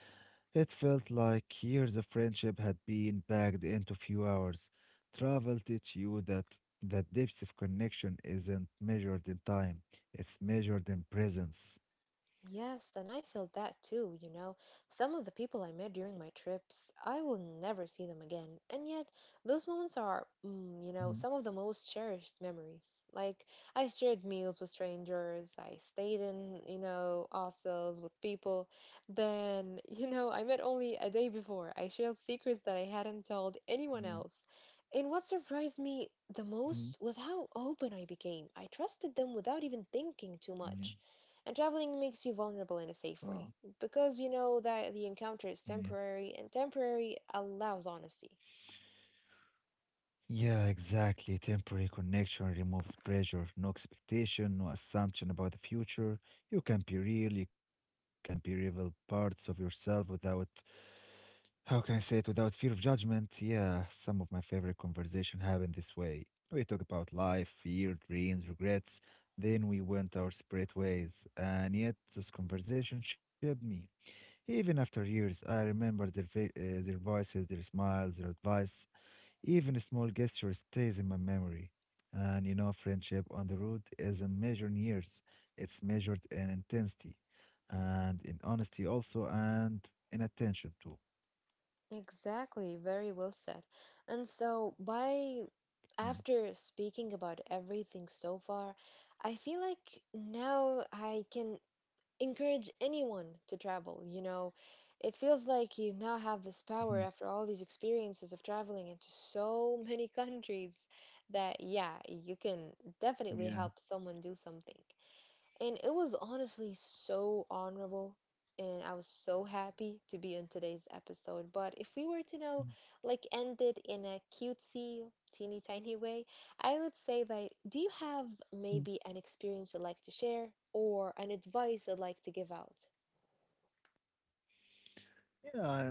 A: It felt like years of friendship had been packed into few hours. Travel teach you that the depth of connection isn't measured in time, it's measured in presence.
B: Yes, and I feel that too, you know. Some of the people I met during my trips, I will never see them again. And yet, those moments are,
A: Mhm.
B: mm, you know, some of the most cherished memories. Like, I shared meals with strangers, I stayed in, you know, hostels with people. Then, you know, I met only a day before. I shared secrets that I hadn't told
A: Yeah.
B: anyone else. And what surprised me the
A: Mhm.
B: most was how open I became. I trusted them without even thinking too
A: Yeah.
B: much. And traveling makes you vulnerable in a safe
A: Wow.
B: way because you know that the encounter is
A: Yeah.
B: temporary and temporary allows honesty.
A: Yeah, exactly. Temporary connection removes pressure, no expectation, no assumption about the future. You can be real, you can be reveal parts of yourself without how can I say it without fear of judgment? Yeah, some of my favorite conversation happened this way. We talk about life, fear, dreams, regrets. Then we went our separate ways, and yet those conversations shaped me. Even after years, I remember their fa- uh, their voices, their smiles, their advice. Even a small gesture stays in my memory. And you know, friendship on the road isn't measured in years; it's measured in intensity, and in honesty also, and in attention too.
B: Exactly, very well said. And so, by
A: Right.
B: after speaking about everything so far, I feel like now I can encourage anyone to travel. You know, it feels like you now have
A: Mhm.
B: this power after all these experiences of traveling into so many countries that, yeah, you can
A: Yeah.
B: definitely help someone do something. And it was honestly so honorable, and I was so happy to be on today's episode. But if we were to know, like, end it in a cutesy, teeny tiny way, I would say that do you have
A: Mhm.
B: maybe an experience you'd like to share or an advice you'd like to give out?
A: Yeah, I,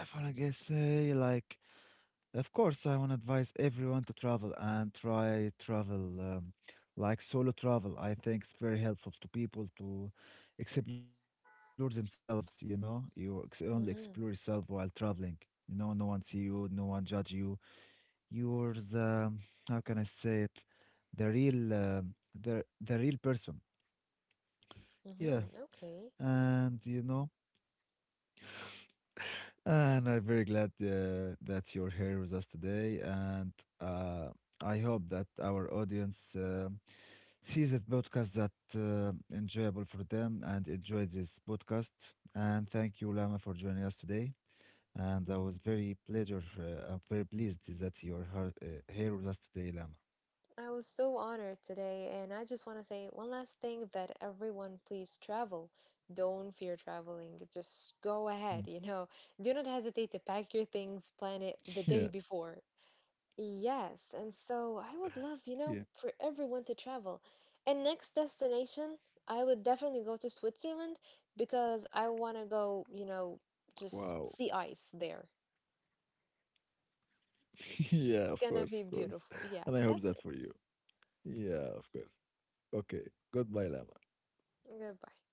A: I wanna guess say like of course I wanna advise everyone to travel and try travel um, like solo travel. I think it's very helpful to people to explore themselves, you know. You ex- only explore yourself while
B: Mm-hmm.
A: traveling. You know, no one see you, no one judge you. You. Are. The. How can I say it? The real um the the real person. Yeah.
B: Mm-hmm. Okay.
A: And you know, and I'm very glad uh, that you're here with us today. And uh, I hope that our audience uh, sees this podcast that uh, enjoyable for them and enjoy this podcast. And thank you, Lama, for joining us today. And I was very pleasure. Uh, I'm very pleased that you're her- uh, here with us today, Lama.
B: I was so honored today, and I just want to say one last thing that everyone please travel. Don't fear traveling.
A: Mm.
B: Just go ahead, you know. Do not hesitate to pack your things,
A: Yeah,
B: plan it the day before. Yes, and so I
A: yeah.
B: would love, you know, for everyone to travel. And next destination, I would definitely go to Switzerland because I want to go, you know,
A: Wow.
B: just see ice there.
A: yeah, of course,
B: It's
A: of
B: gonna
A: course.
B: be
A: And I
B: beautiful.
A: hope
B: Yeah,
A: that for
B: that's
A: you. Yeah, of course. Okay. Goodbye, Lama.
B: it. Goodbye.